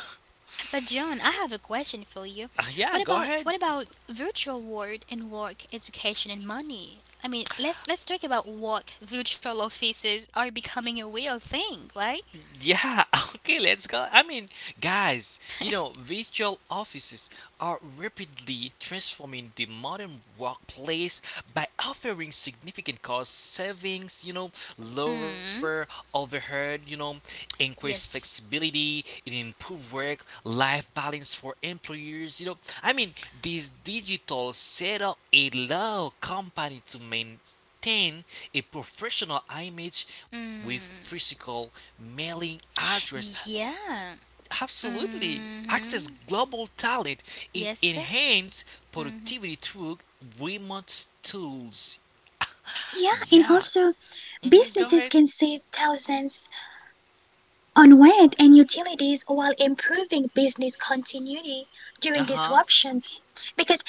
Speaker 1: But John, I have a question for you.
Speaker 2: Yeah.
Speaker 1: What
Speaker 2: Go
Speaker 1: about
Speaker 2: ahead.
Speaker 1: virtual world and work, education and money? I mean, let's talk about work. Virtual offices are becoming a real thing, right?
Speaker 2: Yeah, okay, let's go. Guys, you know, virtual offices are rapidly transforming the modern workplace by offering significant cost savings, you know, lower
Speaker 1: Mm.
Speaker 2: overhead, you know, increased
Speaker 1: Yes.
Speaker 2: flexibility, and improved work life balance for employers, you know. I mean, this digital setup allow company to main obtain a professional image with
Speaker 1: Mm.
Speaker 2: physical mailing address.
Speaker 1: Yeah.
Speaker 2: Absolutely. Access
Speaker 1: Mm-hmm.
Speaker 2: global talent and
Speaker 1: Yes.
Speaker 2: enhance
Speaker 1: Mm-hmm.
Speaker 2: productivity through remote tools.
Speaker 3: Yeah, and
Speaker 2: Yeah.
Speaker 3: also
Speaker 2: Hmm. Go
Speaker 3: businesses
Speaker 2: ahead.
Speaker 3: can save thousands on rent and utilities while improving business continuity
Speaker 2: Uh
Speaker 3: during
Speaker 2: huh.
Speaker 3: disruptions, because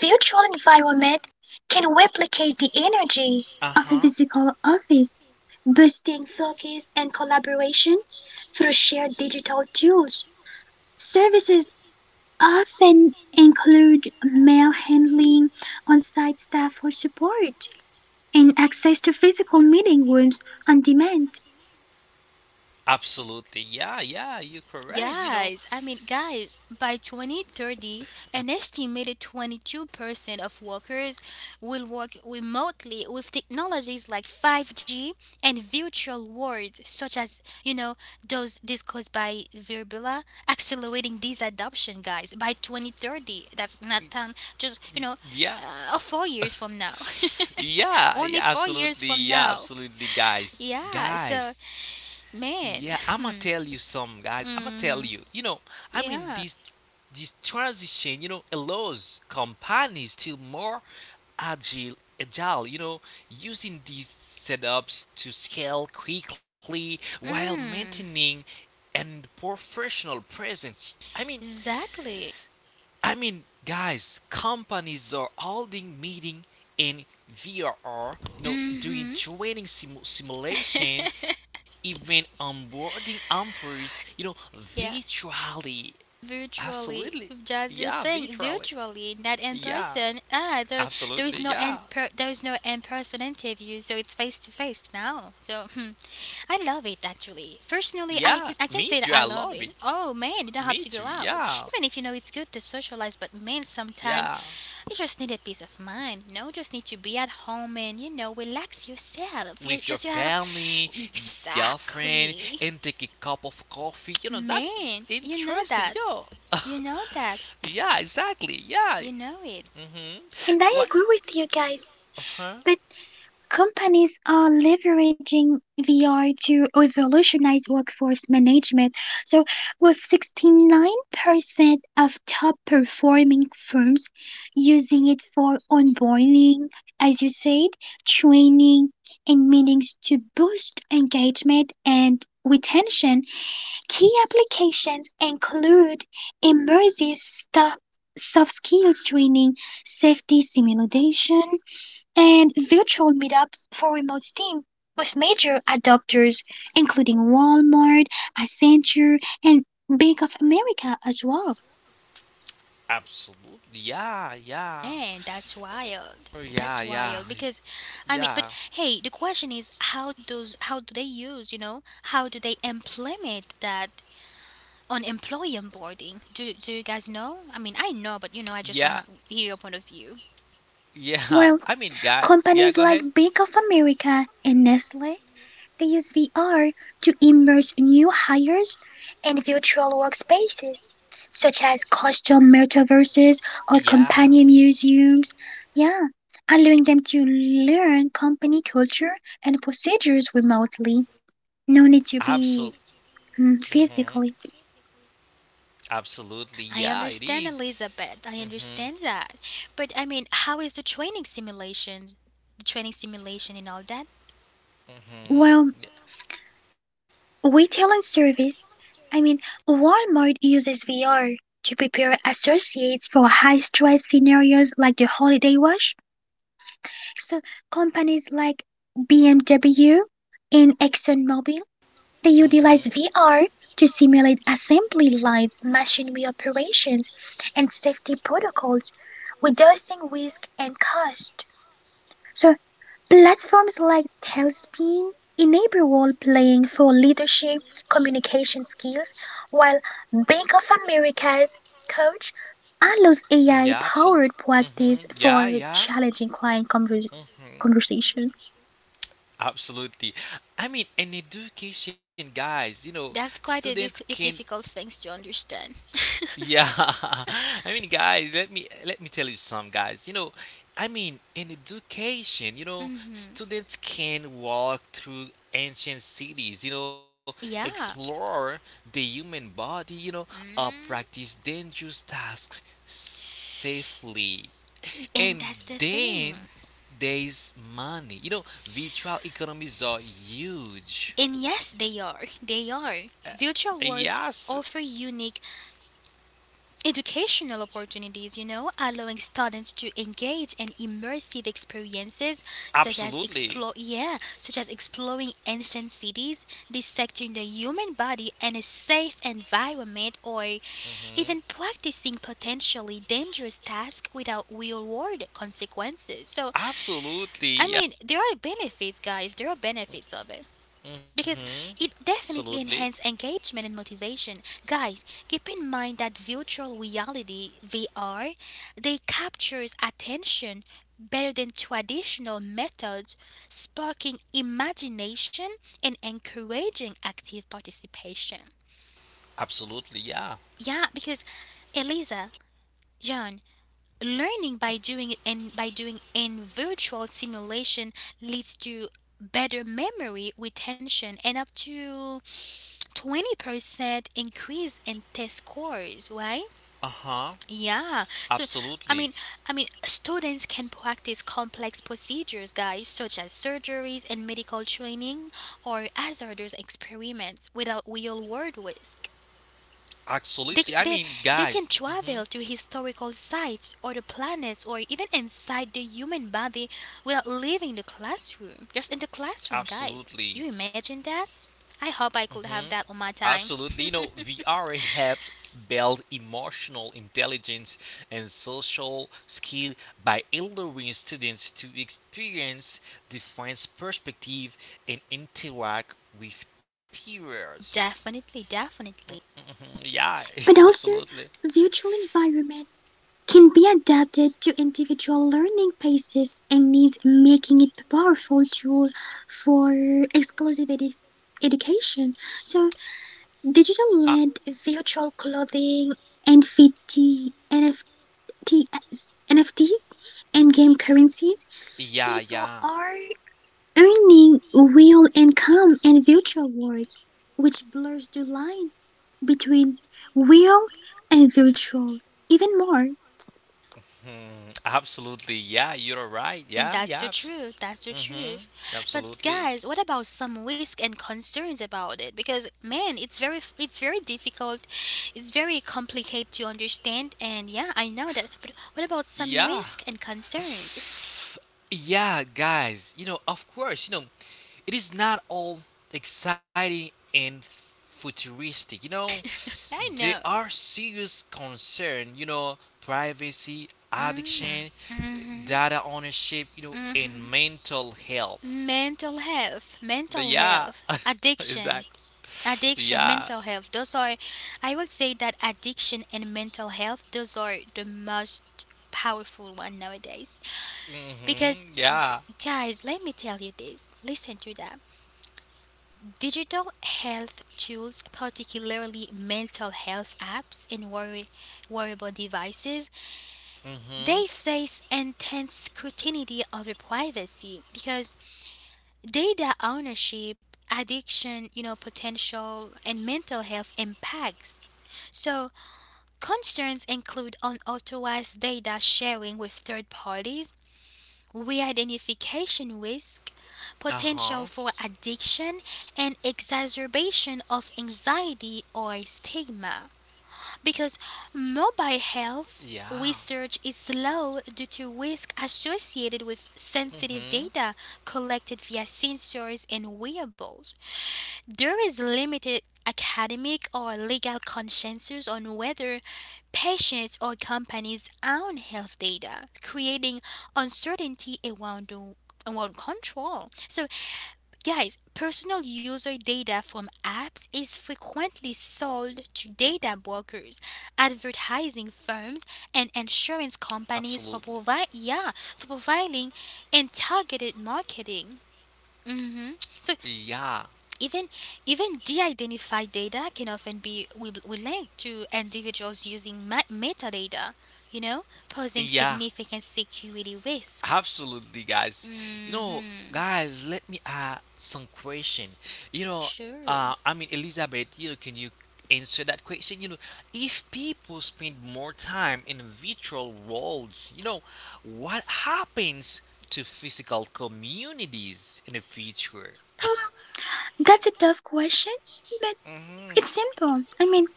Speaker 3: virtual environment can replicate the energy
Speaker 2: Uh
Speaker 3: of a
Speaker 2: huh.
Speaker 3: physical office, boosting focus and collaboration through shared digital tools. Services often include mail handling, on-site staff for support, and access to physical meeting rooms on demand.
Speaker 2: Absolutely. Yeah, yeah, you're correct. You know,
Speaker 1: Yes, I mean, guys, by 2030, an estimated 22% of workers will work remotely with technologies like 5G and virtual worlds, such as, you know, those discussed by Virbula, accelerating this adoption, guys, by 2030. That's not time, just, you know,
Speaker 2: yeah.
Speaker 1: 4 years from now. Only
Speaker 2: Yeah,
Speaker 1: four
Speaker 2: yeah,
Speaker 1: years from
Speaker 2: absolutely.
Speaker 1: now.
Speaker 2: Yeah, absolutely, guys.
Speaker 1: Yeah, so,
Speaker 2: Guys.
Speaker 1: man.
Speaker 2: Yeah, I'm gonna
Speaker 1: Hmm.
Speaker 2: tell you some, guys. I'm gonna tell
Speaker 1: Hmm.
Speaker 2: you. You know, I mean
Speaker 1: Yeah.
Speaker 2: this this transition, you know, allows companies to more agile agile, you know, using these setups to scale quickly while
Speaker 1: Mm,
Speaker 2: maintaining and professional presence.
Speaker 1: exactly.
Speaker 2: Guys, companies are holding meeting in VRR, you know,
Speaker 1: Mm-hmm.
Speaker 2: doing simulation, even onboarding employees, you know,
Speaker 1: Yeah.
Speaker 2: virtually.
Speaker 1: Virtually,
Speaker 2: Absolutely.
Speaker 1: that's the
Speaker 2: Yeah,
Speaker 1: thing,
Speaker 2: virtually.
Speaker 1: virtually, not in person,
Speaker 2: Yeah,
Speaker 1: ah, there is no
Speaker 2: absolutely.
Speaker 1: in per,
Speaker 2: Yeah.
Speaker 1: there is no in person interview, so it's face to face now, so hmm, I love it actually. Personally, I
Speaker 2: Yeah,
Speaker 1: can I can
Speaker 2: me
Speaker 1: say that
Speaker 2: too.
Speaker 1: I
Speaker 2: I
Speaker 1: love
Speaker 2: love
Speaker 1: it.
Speaker 2: it.
Speaker 1: Oh man, you don't have to
Speaker 2: Me
Speaker 1: go
Speaker 2: too.
Speaker 1: out,
Speaker 2: Yeah.
Speaker 1: even if you know it's good to socialize, but man, sometimes
Speaker 2: Yeah.
Speaker 1: you just need a peace of mind, you know, just need to be at home and you know, relax yourself. You just you
Speaker 2: With your
Speaker 1: have
Speaker 2: family, your friend,
Speaker 1: Exactly.
Speaker 2: and take a cup of coffee. You know,
Speaker 1: Man,
Speaker 2: that's
Speaker 1: you know
Speaker 2: interesting,
Speaker 1: that,
Speaker 2: yo.
Speaker 1: you know that
Speaker 2: Yeah, exactly.
Speaker 1: you
Speaker 2: Yeah.
Speaker 1: know it.
Speaker 3: And I agree
Speaker 2: Mm-hmm. What?
Speaker 3: with you guys, but
Speaker 2: Uh-huh.
Speaker 3: companies are leveraging VR to revolutionize workforce management. So, with 69% of top performing firms using it for onboarding, as you said, training, and meetings to boost engagement and retention, key applications include immersive stuff, soft skills training, safety simulation, and virtual meetups for remote STEAM, with major adopters including Walmart, Accenture, and Bank of America as well.
Speaker 2: Absolutely. Yeah, yeah.
Speaker 1: Man, that's wild.
Speaker 2: Oh,
Speaker 1: That's
Speaker 2: yeah,
Speaker 1: wild
Speaker 2: yeah,
Speaker 1: because I mean, but
Speaker 2: yeah,
Speaker 1: hey, the question is how does how do they use, you know, how do they implement that on employee onboarding? Do you guys know? I mean, I know, but you know, I
Speaker 2: yeah,
Speaker 1: just want to hear your point of view.
Speaker 2: yeah. I
Speaker 3: While
Speaker 2: mean, guy. Yeah, go
Speaker 3: companies
Speaker 2: ahead.
Speaker 3: like Bank of America and Nestle, they use VR to immerse new hires in virtual workspaces such as custom metaverses or companion
Speaker 2: Yeah.
Speaker 3: museums. Yeah, allowing them to learn company culture and procedures remotely. No need to
Speaker 2: Absolutely.
Speaker 3: be
Speaker 2: Mm-hmm.
Speaker 3: physically.
Speaker 2: Absolutely. Yeah,
Speaker 1: I
Speaker 2: it is.
Speaker 1: understand Elizabeth. I
Speaker 2: Mm-hmm.
Speaker 1: understand that. But I mean, how is the training simulation, and all that?
Speaker 2: Mm-hmm.
Speaker 3: Well,
Speaker 2: Yeah.
Speaker 3: retailing service. I mean, Walmart uses VR to prepare associates for high stress scenarios like the holiday rush. So, companies like BMW and ExxonMobil, they utilize
Speaker 2: Mm-hmm.
Speaker 3: VR to simulate assembly lines, machinery operations, and safety protocols, reducing risk and cost. So platforms like Tailspin enable role-playing for leadership communication skills, while Bank of America's Coach allows
Speaker 2: Yeah, absolutely.
Speaker 3: AI-powered practice
Speaker 2: Hmm. Yeah,
Speaker 3: for
Speaker 2: yeah.
Speaker 3: challenging client
Speaker 2: Hmm.
Speaker 3: conversation.
Speaker 2: Absolutely. I mean, in education, guys, you know,
Speaker 1: That's quite a,
Speaker 2: students
Speaker 1: a
Speaker 2: can
Speaker 1: difficult things to understand.
Speaker 2: Yeah, let me tell you some guys. You know, I mean, in education, you know,
Speaker 1: Mhm.
Speaker 2: students can walk through ancient cities. You know,
Speaker 1: Yeah.
Speaker 2: explore the human body. You know, or
Speaker 1: Mm.
Speaker 2: practice dangerous tasks safely. And
Speaker 1: And that's the thing.
Speaker 2: then there's money. You know, virtual economies are huge.
Speaker 1: And yes, they are. They are. Virtual
Speaker 2: Yes,
Speaker 1: worlds offer unique educational opportunities, you know, allowing students to engage in immersive experiences such as
Speaker 2: absolutely.
Speaker 1: explore yeah, such as exploring ancient cities, dissecting the human body in a safe environment or even
Speaker 2: Hmm.
Speaker 1: practicing potentially dangerous tasks without real world consequences. So
Speaker 2: Absolutely,
Speaker 1: I
Speaker 2: yeah.
Speaker 1: mean there are benefits guys, there are benefits of it. Because
Speaker 2: Hmm.
Speaker 1: it definitely
Speaker 2: Absolutely,
Speaker 1: enhances engagement and motivation. Guys, keep in mind that virtual reality (VR) they captures attention better than traditional methods, sparking imagination and encouraging active participation.
Speaker 2: absolutely, yeah.
Speaker 1: Yeah, because Eliza, John, learning by doing and by doing in virtual simulation leads to better memory retention and up to 20% increase in test scores, right?
Speaker 2: Uh huh.
Speaker 1: yeah so
Speaker 2: Absolutely,
Speaker 1: i mean I mean students can practice complex procedures, guys, such as surgeries and medical training or hazardous experiments without real world risk.
Speaker 2: absolutely. I
Speaker 1: they,
Speaker 2: mean,
Speaker 1: they,
Speaker 2: guys.
Speaker 1: they can
Speaker 2: Hmm.
Speaker 1: travel to historical sites or the planets or even inside the human body without leaving the classroom, just in the classroom, guys.
Speaker 2: Absolutely.
Speaker 1: You imagine that? I hope I could
Speaker 2: Hmm.
Speaker 1: have that on my time.
Speaker 2: Absolutely. You know, VR helps build emotional intelligence and social skill by allowing students to experience different perspective and interact with peers.
Speaker 1: Definitely, definitely.
Speaker 2: Mm, yeah,
Speaker 3: But also,
Speaker 2: absolutely.
Speaker 3: virtual environment can be adapted to individual learning paces and needs, making it a powerful tool for exclusive education. So
Speaker 2: Uh,
Speaker 3: digital-led virtual clothing, NFT, NFTs, NFTs, and game currencies,
Speaker 2: yeah,
Speaker 3: people
Speaker 2: yeah.
Speaker 3: are earning real income and virtual worlds, which blurs the line between real and virtual even more.
Speaker 2: Hmm, absolutely. Yeah, you're right.
Speaker 1: And
Speaker 2: Yeah,
Speaker 1: that's the
Speaker 2: yeah. Abs-
Speaker 1: truth. That's the
Speaker 2: mhm.
Speaker 1: truth. But
Speaker 2: Absolutely.
Speaker 1: guys, what about some risk and concerns about it? Because, man, it's very difficult. It's very complicated to understand, and yeah, I know that. But what about some
Speaker 2: Yeah.
Speaker 1: risk and concerns?
Speaker 2: Yeah, guys. You know, of course, you know, it is not all exciting and futuristic, you know.
Speaker 1: Yeah, I
Speaker 2: There
Speaker 1: know.
Speaker 2: are serious concerns, you know, privacy,
Speaker 1: Mm-hmm.
Speaker 2: addiction,
Speaker 1: Mm-hmm.
Speaker 2: data ownership, you know, and mental health.
Speaker 1: Mental
Speaker 2: Yeah,
Speaker 1: health,
Speaker 2: exactly.
Speaker 1: addiction, addiction,
Speaker 2: Yeah.
Speaker 1: mental health, those are— I would say that addiction and mental health, those are the most powerful one nowadays. Because,
Speaker 2: Mhm. Yeah.
Speaker 1: guys, let me tell you this, listen to that. Digital health tools, particularly mental health apps and wearable devices,
Speaker 2: Mhm.
Speaker 1: they face intense scrutiny over privacy because data ownership, addiction, you know, potential and mental health impacts. So concerns include unauthorized data sharing with third parties, re-identification risk,
Speaker 2: Uh huh.
Speaker 1: potential for addiction, and exacerbation of anxiety or stigma. Because mobile health
Speaker 2: Yeah.
Speaker 1: research is slow due to risk associated with
Speaker 2: Mhm.
Speaker 1: sensitive data collected via sensors and wearables. There is limited academic or legal consensus on whether patients or companies own health data, creating uncertainty around the around control. So, guys, personal user data from apps is frequently sold to data brokers, advertising firms, and insurance companies for
Speaker 2: Absolutely.
Speaker 1: provide, yeah, for providing and targeted marketing. hmm So
Speaker 2: Yeah.
Speaker 1: even, even de-identified data can often be will linked to individuals using metadata, you know, posing
Speaker 2: Yeah.
Speaker 1: significant security risk.
Speaker 2: Absolutely, guys. You
Speaker 1: Mm,
Speaker 2: know, guys, let me ask some question.
Speaker 1: sure.
Speaker 2: Elizabeth, you know, can you answer that question? You know, if people spend more time in virtual worlds, you know, what happens to physical communities in the future?
Speaker 3: That's a tough question, but
Speaker 2: Mm-hmm.
Speaker 3: it's simple. I mean,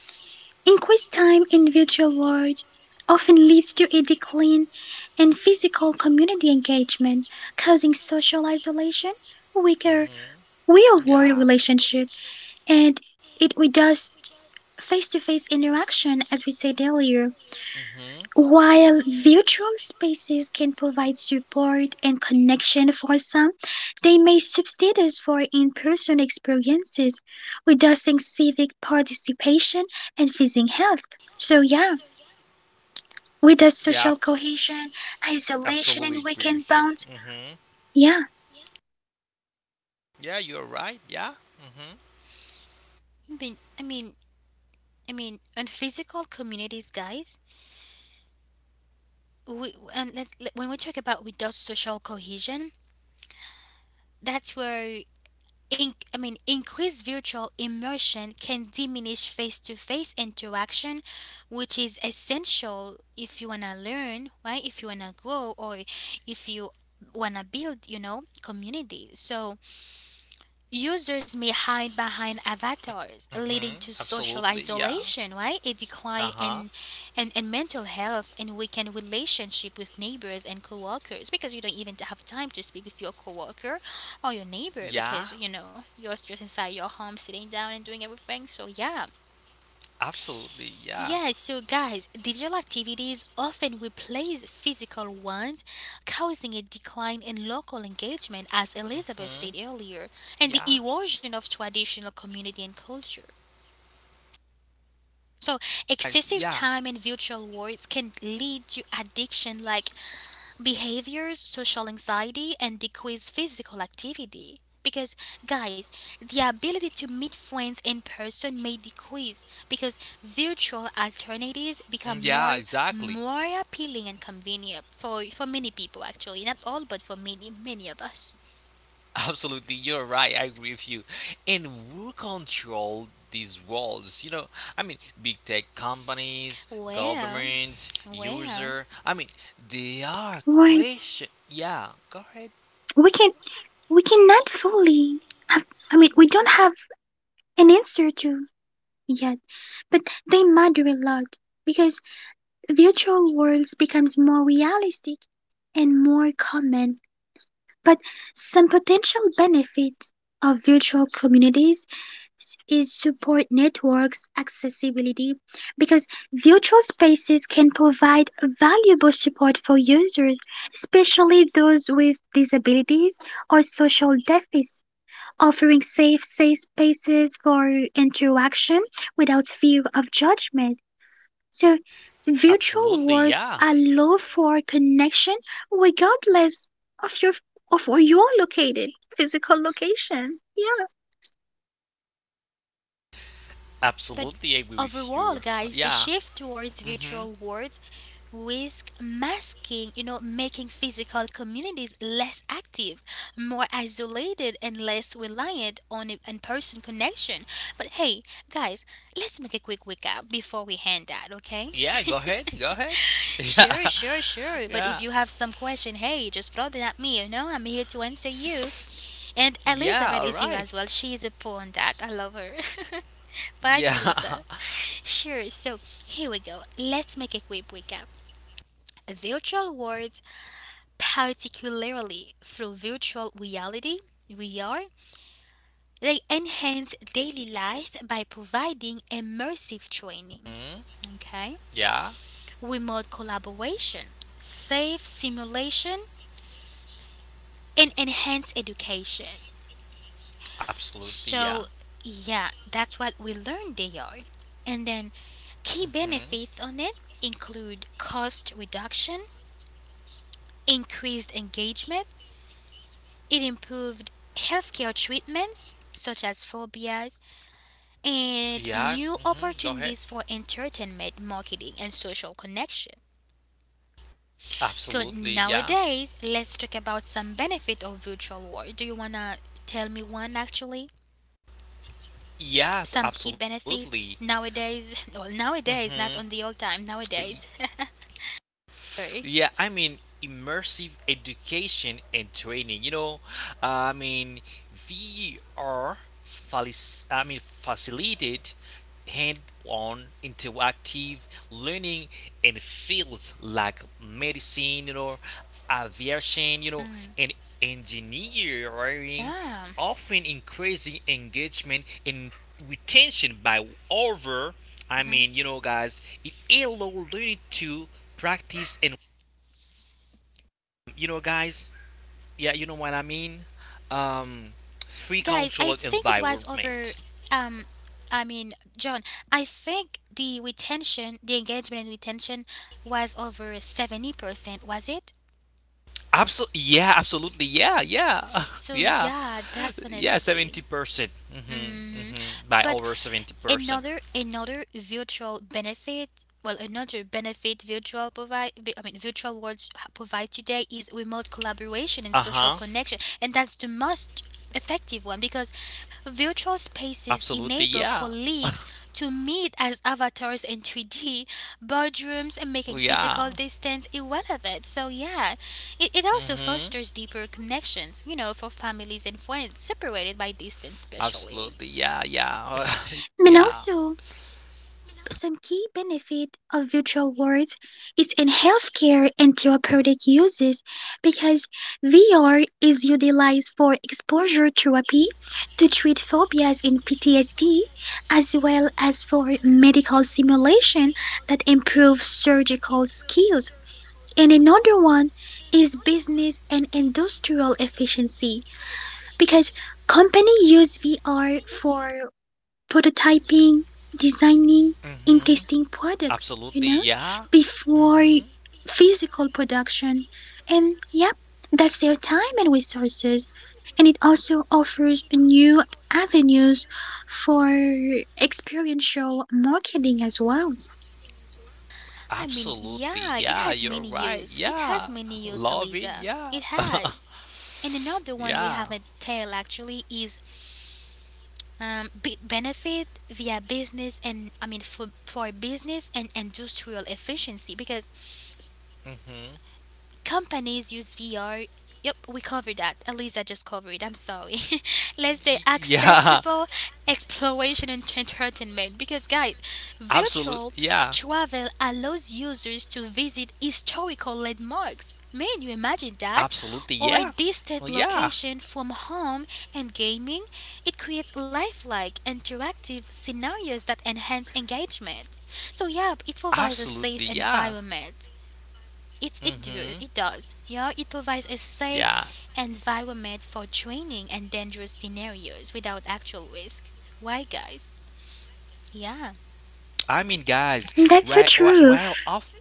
Speaker 3: increased time in virtual world often leads to a decline in physical community engagement, causing social isolation, weaker
Speaker 2: Mm-hmm.
Speaker 3: real world
Speaker 2: Yeah.
Speaker 3: relationship, and it reduced face to face interaction, as we said earlier.
Speaker 2: Mm-hmm.
Speaker 3: While virtual spaces can provide support and connection for some, they may substitute for in person experiences, reducing civic participation and physical health. So, yeah. With the
Speaker 2: Yeah.
Speaker 3: social cohesion, isolation and
Speaker 2: Absolutely agree
Speaker 3: weakened
Speaker 2: with you.
Speaker 3: bonds,
Speaker 2: Mm-hmm.
Speaker 3: yeah,
Speaker 2: Yeah, you're right. Yeah. Mm-hmm.
Speaker 1: I mean, I mean, I mean, on physical communities, guys, we and let, let- when we talk about reduced social cohesion, that's where— I mean, increased virtual immersion can diminish face to face interaction, which is essential if you want to learn, right? If you want to grow, or if you want to build, you know, community. So, users may hide behind avatars,
Speaker 2: Mm-hmm.
Speaker 1: leading to social
Speaker 2: Absolutely. Yeah.
Speaker 1: isolation, right? A decline
Speaker 2: Uh-huh.
Speaker 1: in mental health and weakened relationship with neighbors and coworkers, because you don't even have time to speak with your coworker or your neighbor
Speaker 2: Yeah.
Speaker 1: because, you know, you're just inside your home sitting down and doing everything. So, yeah.
Speaker 2: Absolutely. Yeah.
Speaker 1: Yes, so guys, digital activities often replace physical ones, causing a decline in local engagement, as Elizabeth said
Speaker 2: Hmm.
Speaker 1: earlier, and the
Speaker 2: Yeah.
Speaker 1: erosion of traditional community and culture. So,
Speaker 2: I,
Speaker 1: excessive
Speaker 2: yeah.
Speaker 1: time in virtual worlds can lead to addiction like behaviors, social anxiety, and decreased physical activity. Because, guys, the ability to meet friends in person may decrease because virtual alternatives
Speaker 2: Mm,
Speaker 1: become
Speaker 2: yeah.
Speaker 1: more
Speaker 2: Exactly.
Speaker 1: more appealing and convenient for many people, actually. Not all, but for many, many of us.
Speaker 2: Absolutely. You're right. I agree with you. And who control these roles? You know, I mean, big tech companies,
Speaker 1: Well,
Speaker 2: governments,
Speaker 1: well.
Speaker 2: user. I mean, they
Speaker 3: Lauren,
Speaker 2: are question. Yeah. Go ahead.
Speaker 3: we can we cannot fully. Have, I mean, we don't have an answer to yet, but they matter a lot because virtual worlds becomes more realistic and more common. But some potential benefits of virtual communities is support networks accessibility, because virtual spaces can provide valuable support for users, especially those with disabilities or social deficits, offering safe spaces for interaction without fear of judgment. So virtual
Speaker 2: Absolutely.
Speaker 3: worlds
Speaker 2: Yeah.
Speaker 3: allow for connection regardless of your of where you're located, physical location. Yeah.
Speaker 1: But
Speaker 2: Absolutely agree with
Speaker 1: overall,
Speaker 2: you.
Speaker 1: guys, the
Speaker 2: Yeah.
Speaker 1: shift towards
Speaker 2: Mm-hmm.
Speaker 1: virtual worlds risk masking, you know, making physical communities less active, more isolated, and less reliant on in person connection. But hey, guys, let's make a quick recap before we hand out, okay?
Speaker 2: Yeah, go ahead. Go ahead.
Speaker 1: Sure, sure, sure. But if
Speaker 2: Yeah,
Speaker 1: you have some question, hey, just throw them at me, you know? I'm here to answer
Speaker 2: yeah,
Speaker 1: you. And
Speaker 2: yeah.
Speaker 1: Elizabeth
Speaker 2: All
Speaker 1: is here
Speaker 2: right.
Speaker 1: as well. She is a pro on that. I love her. Right,
Speaker 2: Yeah.
Speaker 1: Elisa? Sure, so here we go. Let's make a quick recap. Virtual worlds, particularly through virtual reality, VR, they enhance daily life by providing immersive training,
Speaker 2: Mhm.
Speaker 1: okay,
Speaker 2: Yeah.
Speaker 1: remote collaboration, safe simulation, and enhanced education.
Speaker 2: Absolutely.
Speaker 1: So
Speaker 2: Yeah.
Speaker 1: yeah, that's what we learned they are. And then key
Speaker 2: Hmm.
Speaker 1: benefits on it include cost reduction, increased engagement, it improved healthcare treatments such as phobias, and new
Speaker 2: Yeah. Hmm. Go
Speaker 1: opportunities
Speaker 2: ahead.
Speaker 1: for entertainment, marketing, and social connection. So
Speaker 2: Absolutely. Yeah.
Speaker 1: nowadays, let's talk about some benefit of virtual world. Do you wanna tell me one actually?
Speaker 2: Yes.
Speaker 1: Some key
Speaker 2: Absolutely.
Speaker 1: benefit nowadays. Well,
Speaker 2: Hmm.
Speaker 1: nowadays, not on the old time. Nowadays. Sorry.
Speaker 2: Yeah, I mean immersive education and training. You know, I mean VR facilitate hand-on interactive learning in fields like medicine, you know, aviation, you know,
Speaker 1: Mm,
Speaker 2: and engineering
Speaker 1: yeah.
Speaker 2: often increasing engagement and retention by over I
Speaker 1: hmm
Speaker 2: mean you know guys it allows learning to practice and you know guys yeah you know what I mean um free
Speaker 1: Guys, I
Speaker 2: controlled
Speaker 1: think it was over.
Speaker 2: environment.
Speaker 1: Um, I mean, John, I think the retention, the engagement and retention was over 70%, was it?
Speaker 2: Absolutely yeah absolutely yeah yeah
Speaker 1: So
Speaker 2: yeah
Speaker 1: yeah,
Speaker 2: yeah
Speaker 1: definitely.
Speaker 2: 70% hmm
Speaker 1: hmm
Speaker 2: hmm by
Speaker 1: But
Speaker 2: over 70%
Speaker 1: another virtual benefit, well, another benefit virtual provide, I mean, virtual worlds provide today is remote collaboration and social
Speaker 2: uh-huh
Speaker 1: connection, and that's the most effective one because virtual spaces
Speaker 2: absolutely
Speaker 1: enable
Speaker 2: yeah.
Speaker 1: colleagues to meet as avatars in 3D boardrooms and making
Speaker 2: Well, yeah.
Speaker 1: physical distance irrelevant. So yeah, it also
Speaker 2: Mm-hmm.
Speaker 1: fosters deeper connections, you know, for families and friends separated by distance, especially.
Speaker 2: Absolutely. Yeah. Yeah.
Speaker 3: I
Speaker 2: yeah.
Speaker 3: mean, also, some key benefit of virtual worlds is in healthcare and therapeutic uses, because VR is utilized for exposure therapy to treat phobias in PTSD, as well as for medical simulation that improves surgical skills. And another one is business and industrial efficiency, because companies use VR for prototyping, designing, and
Speaker 2: Mm-hmm.
Speaker 3: testing products, you
Speaker 2: Absolutely.
Speaker 3: know,
Speaker 2: Yeah.
Speaker 3: before
Speaker 2: Mm-hmm.
Speaker 3: physical production. And yep, that saves time and resources. And it also offers new avenues for experiential marketing as well.
Speaker 1: I mean,
Speaker 2: Absolutely.
Speaker 1: yeah, it
Speaker 2: Yeah.
Speaker 1: has
Speaker 2: You're
Speaker 1: many
Speaker 2: right.
Speaker 1: use. It has
Speaker 2: Yeah.
Speaker 1: many use,
Speaker 2: Love it.
Speaker 1: Eliza.
Speaker 2: Yeah.
Speaker 1: It has. And another one we
Speaker 2: Yeah.
Speaker 1: haven't tell actually is benefit via business and, I mean, for business and industrial efficiency because
Speaker 2: Mm-hmm.
Speaker 1: companies use VR. Yep, we covered that. At least I just covered it. I'm sorry. Let's say
Speaker 2: Yeah,
Speaker 1: accessible exploration and entertainment. Because, guys,
Speaker 2: absolutely.
Speaker 1: virtual
Speaker 2: Yeah,
Speaker 1: travel allows users to visit historical landmarks. Man, you imagine that?
Speaker 2: absolutely.
Speaker 1: Or
Speaker 2: Yeah. Well,
Speaker 1: distant
Speaker 2: yeah,
Speaker 1: location from home and gaming. It creates lifelike, interactive scenarios that enhance engagement. So, yeah, it provides a
Speaker 2: absolutely.
Speaker 1: safe
Speaker 2: Yeah.
Speaker 1: environment. It's, it, do,
Speaker 2: Mm-hmm.
Speaker 1: It does. Yeah, it provides a safe
Speaker 2: Yeah.
Speaker 1: environment for training and dangerous scenarios without actual risk. Why, guys? Yeah.
Speaker 2: I mean, guys,
Speaker 3: That's the
Speaker 2: right, while
Speaker 3: truth.
Speaker 2: off.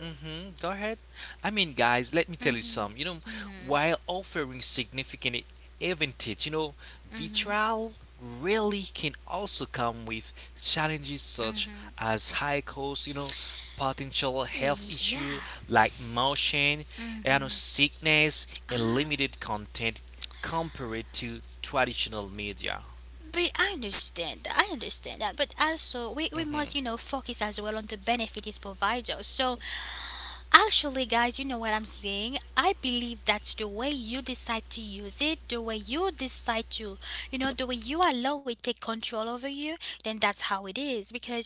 Speaker 2: Hmm. Go ahead. I mean, guys, let me tell you some. You know, while offering significant advantage, you know,
Speaker 1: Mm-hmm.
Speaker 2: vitriol really can also come with challenges such as high cost, you know, potential health
Speaker 1: Yeah.
Speaker 2: issue like motion, you know, sickness, and
Speaker 1: Uh,
Speaker 2: limited content compared to traditional media.
Speaker 1: but I understand that. I understand that. But also, we must, you
Speaker 2: Hmm.
Speaker 1: know, focus as well on the benefit it provides us. So, actually, guys, you know what I'm saying? I believe that's the way you decide to use it, the way you decide to, you know, the way you allow it take control over you, then that's how it is. Because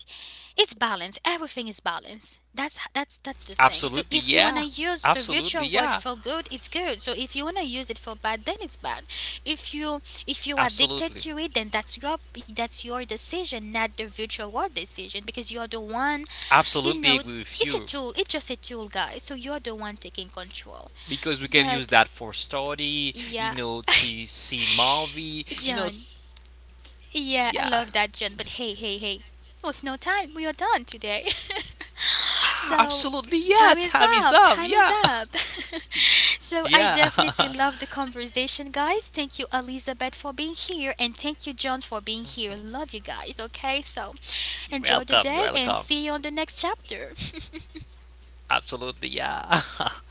Speaker 1: it's balance, everything is balance, that's that's the thing. So
Speaker 2: Absolutely,
Speaker 1: if you want to
Speaker 2: yeah.
Speaker 1: use the
Speaker 2: Absolutely,
Speaker 1: virtual world
Speaker 2: yeah.
Speaker 1: for good, it's good. So if you want to use it for bad, then it's bad. If you, if you are addicted
Speaker 2: Absolutely.
Speaker 1: to it, then that's your, that's your decision, not the virtual world decision, because you're the one, you
Speaker 2: Absolutely
Speaker 1: know,
Speaker 2: agree with
Speaker 1: it's a
Speaker 2: you.
Speaker 1: tool, it's just a tool, guys, so you're the one taking control.
Speaker 2: Because we can use
Speaker 1: But
Speaker 2: that for study, you
Speaker 1: yeah,
Speaker 2: know, to see movie, you know,
Speaker 1: John, yeah, I love
Speaker 2: yeah.
Speaker 1: that, John, but hey, hey, hey, with no time, we are done today.
Speaker 2: Ah,
Speaker 1: So
Speaker 2: absolutely, yeah.
Speaker 1: time is
Speaker 2: Time is
Speaker 1: up.
Speaker 2: up,
Speaker 1: Time is
Speaker 2: yeah.
Speaker 1: up. So I
Speaker 2: Yeah.
Speaker 1: definitely love the conversation, guys. Thank you, Elizabeth, for being here, and thank you, John, for being here. Love you guys. Okay, so
Speaker 2: You're
Speaker 1: enjoy the
Speaker 2: welcome,
Speaker 1: day
Speaker 2: you're
Speaker 1: and
Speaker 2: welcome.
Speaker 1: see you on the next chapter.
Speaker 2: Absolutely, yeah.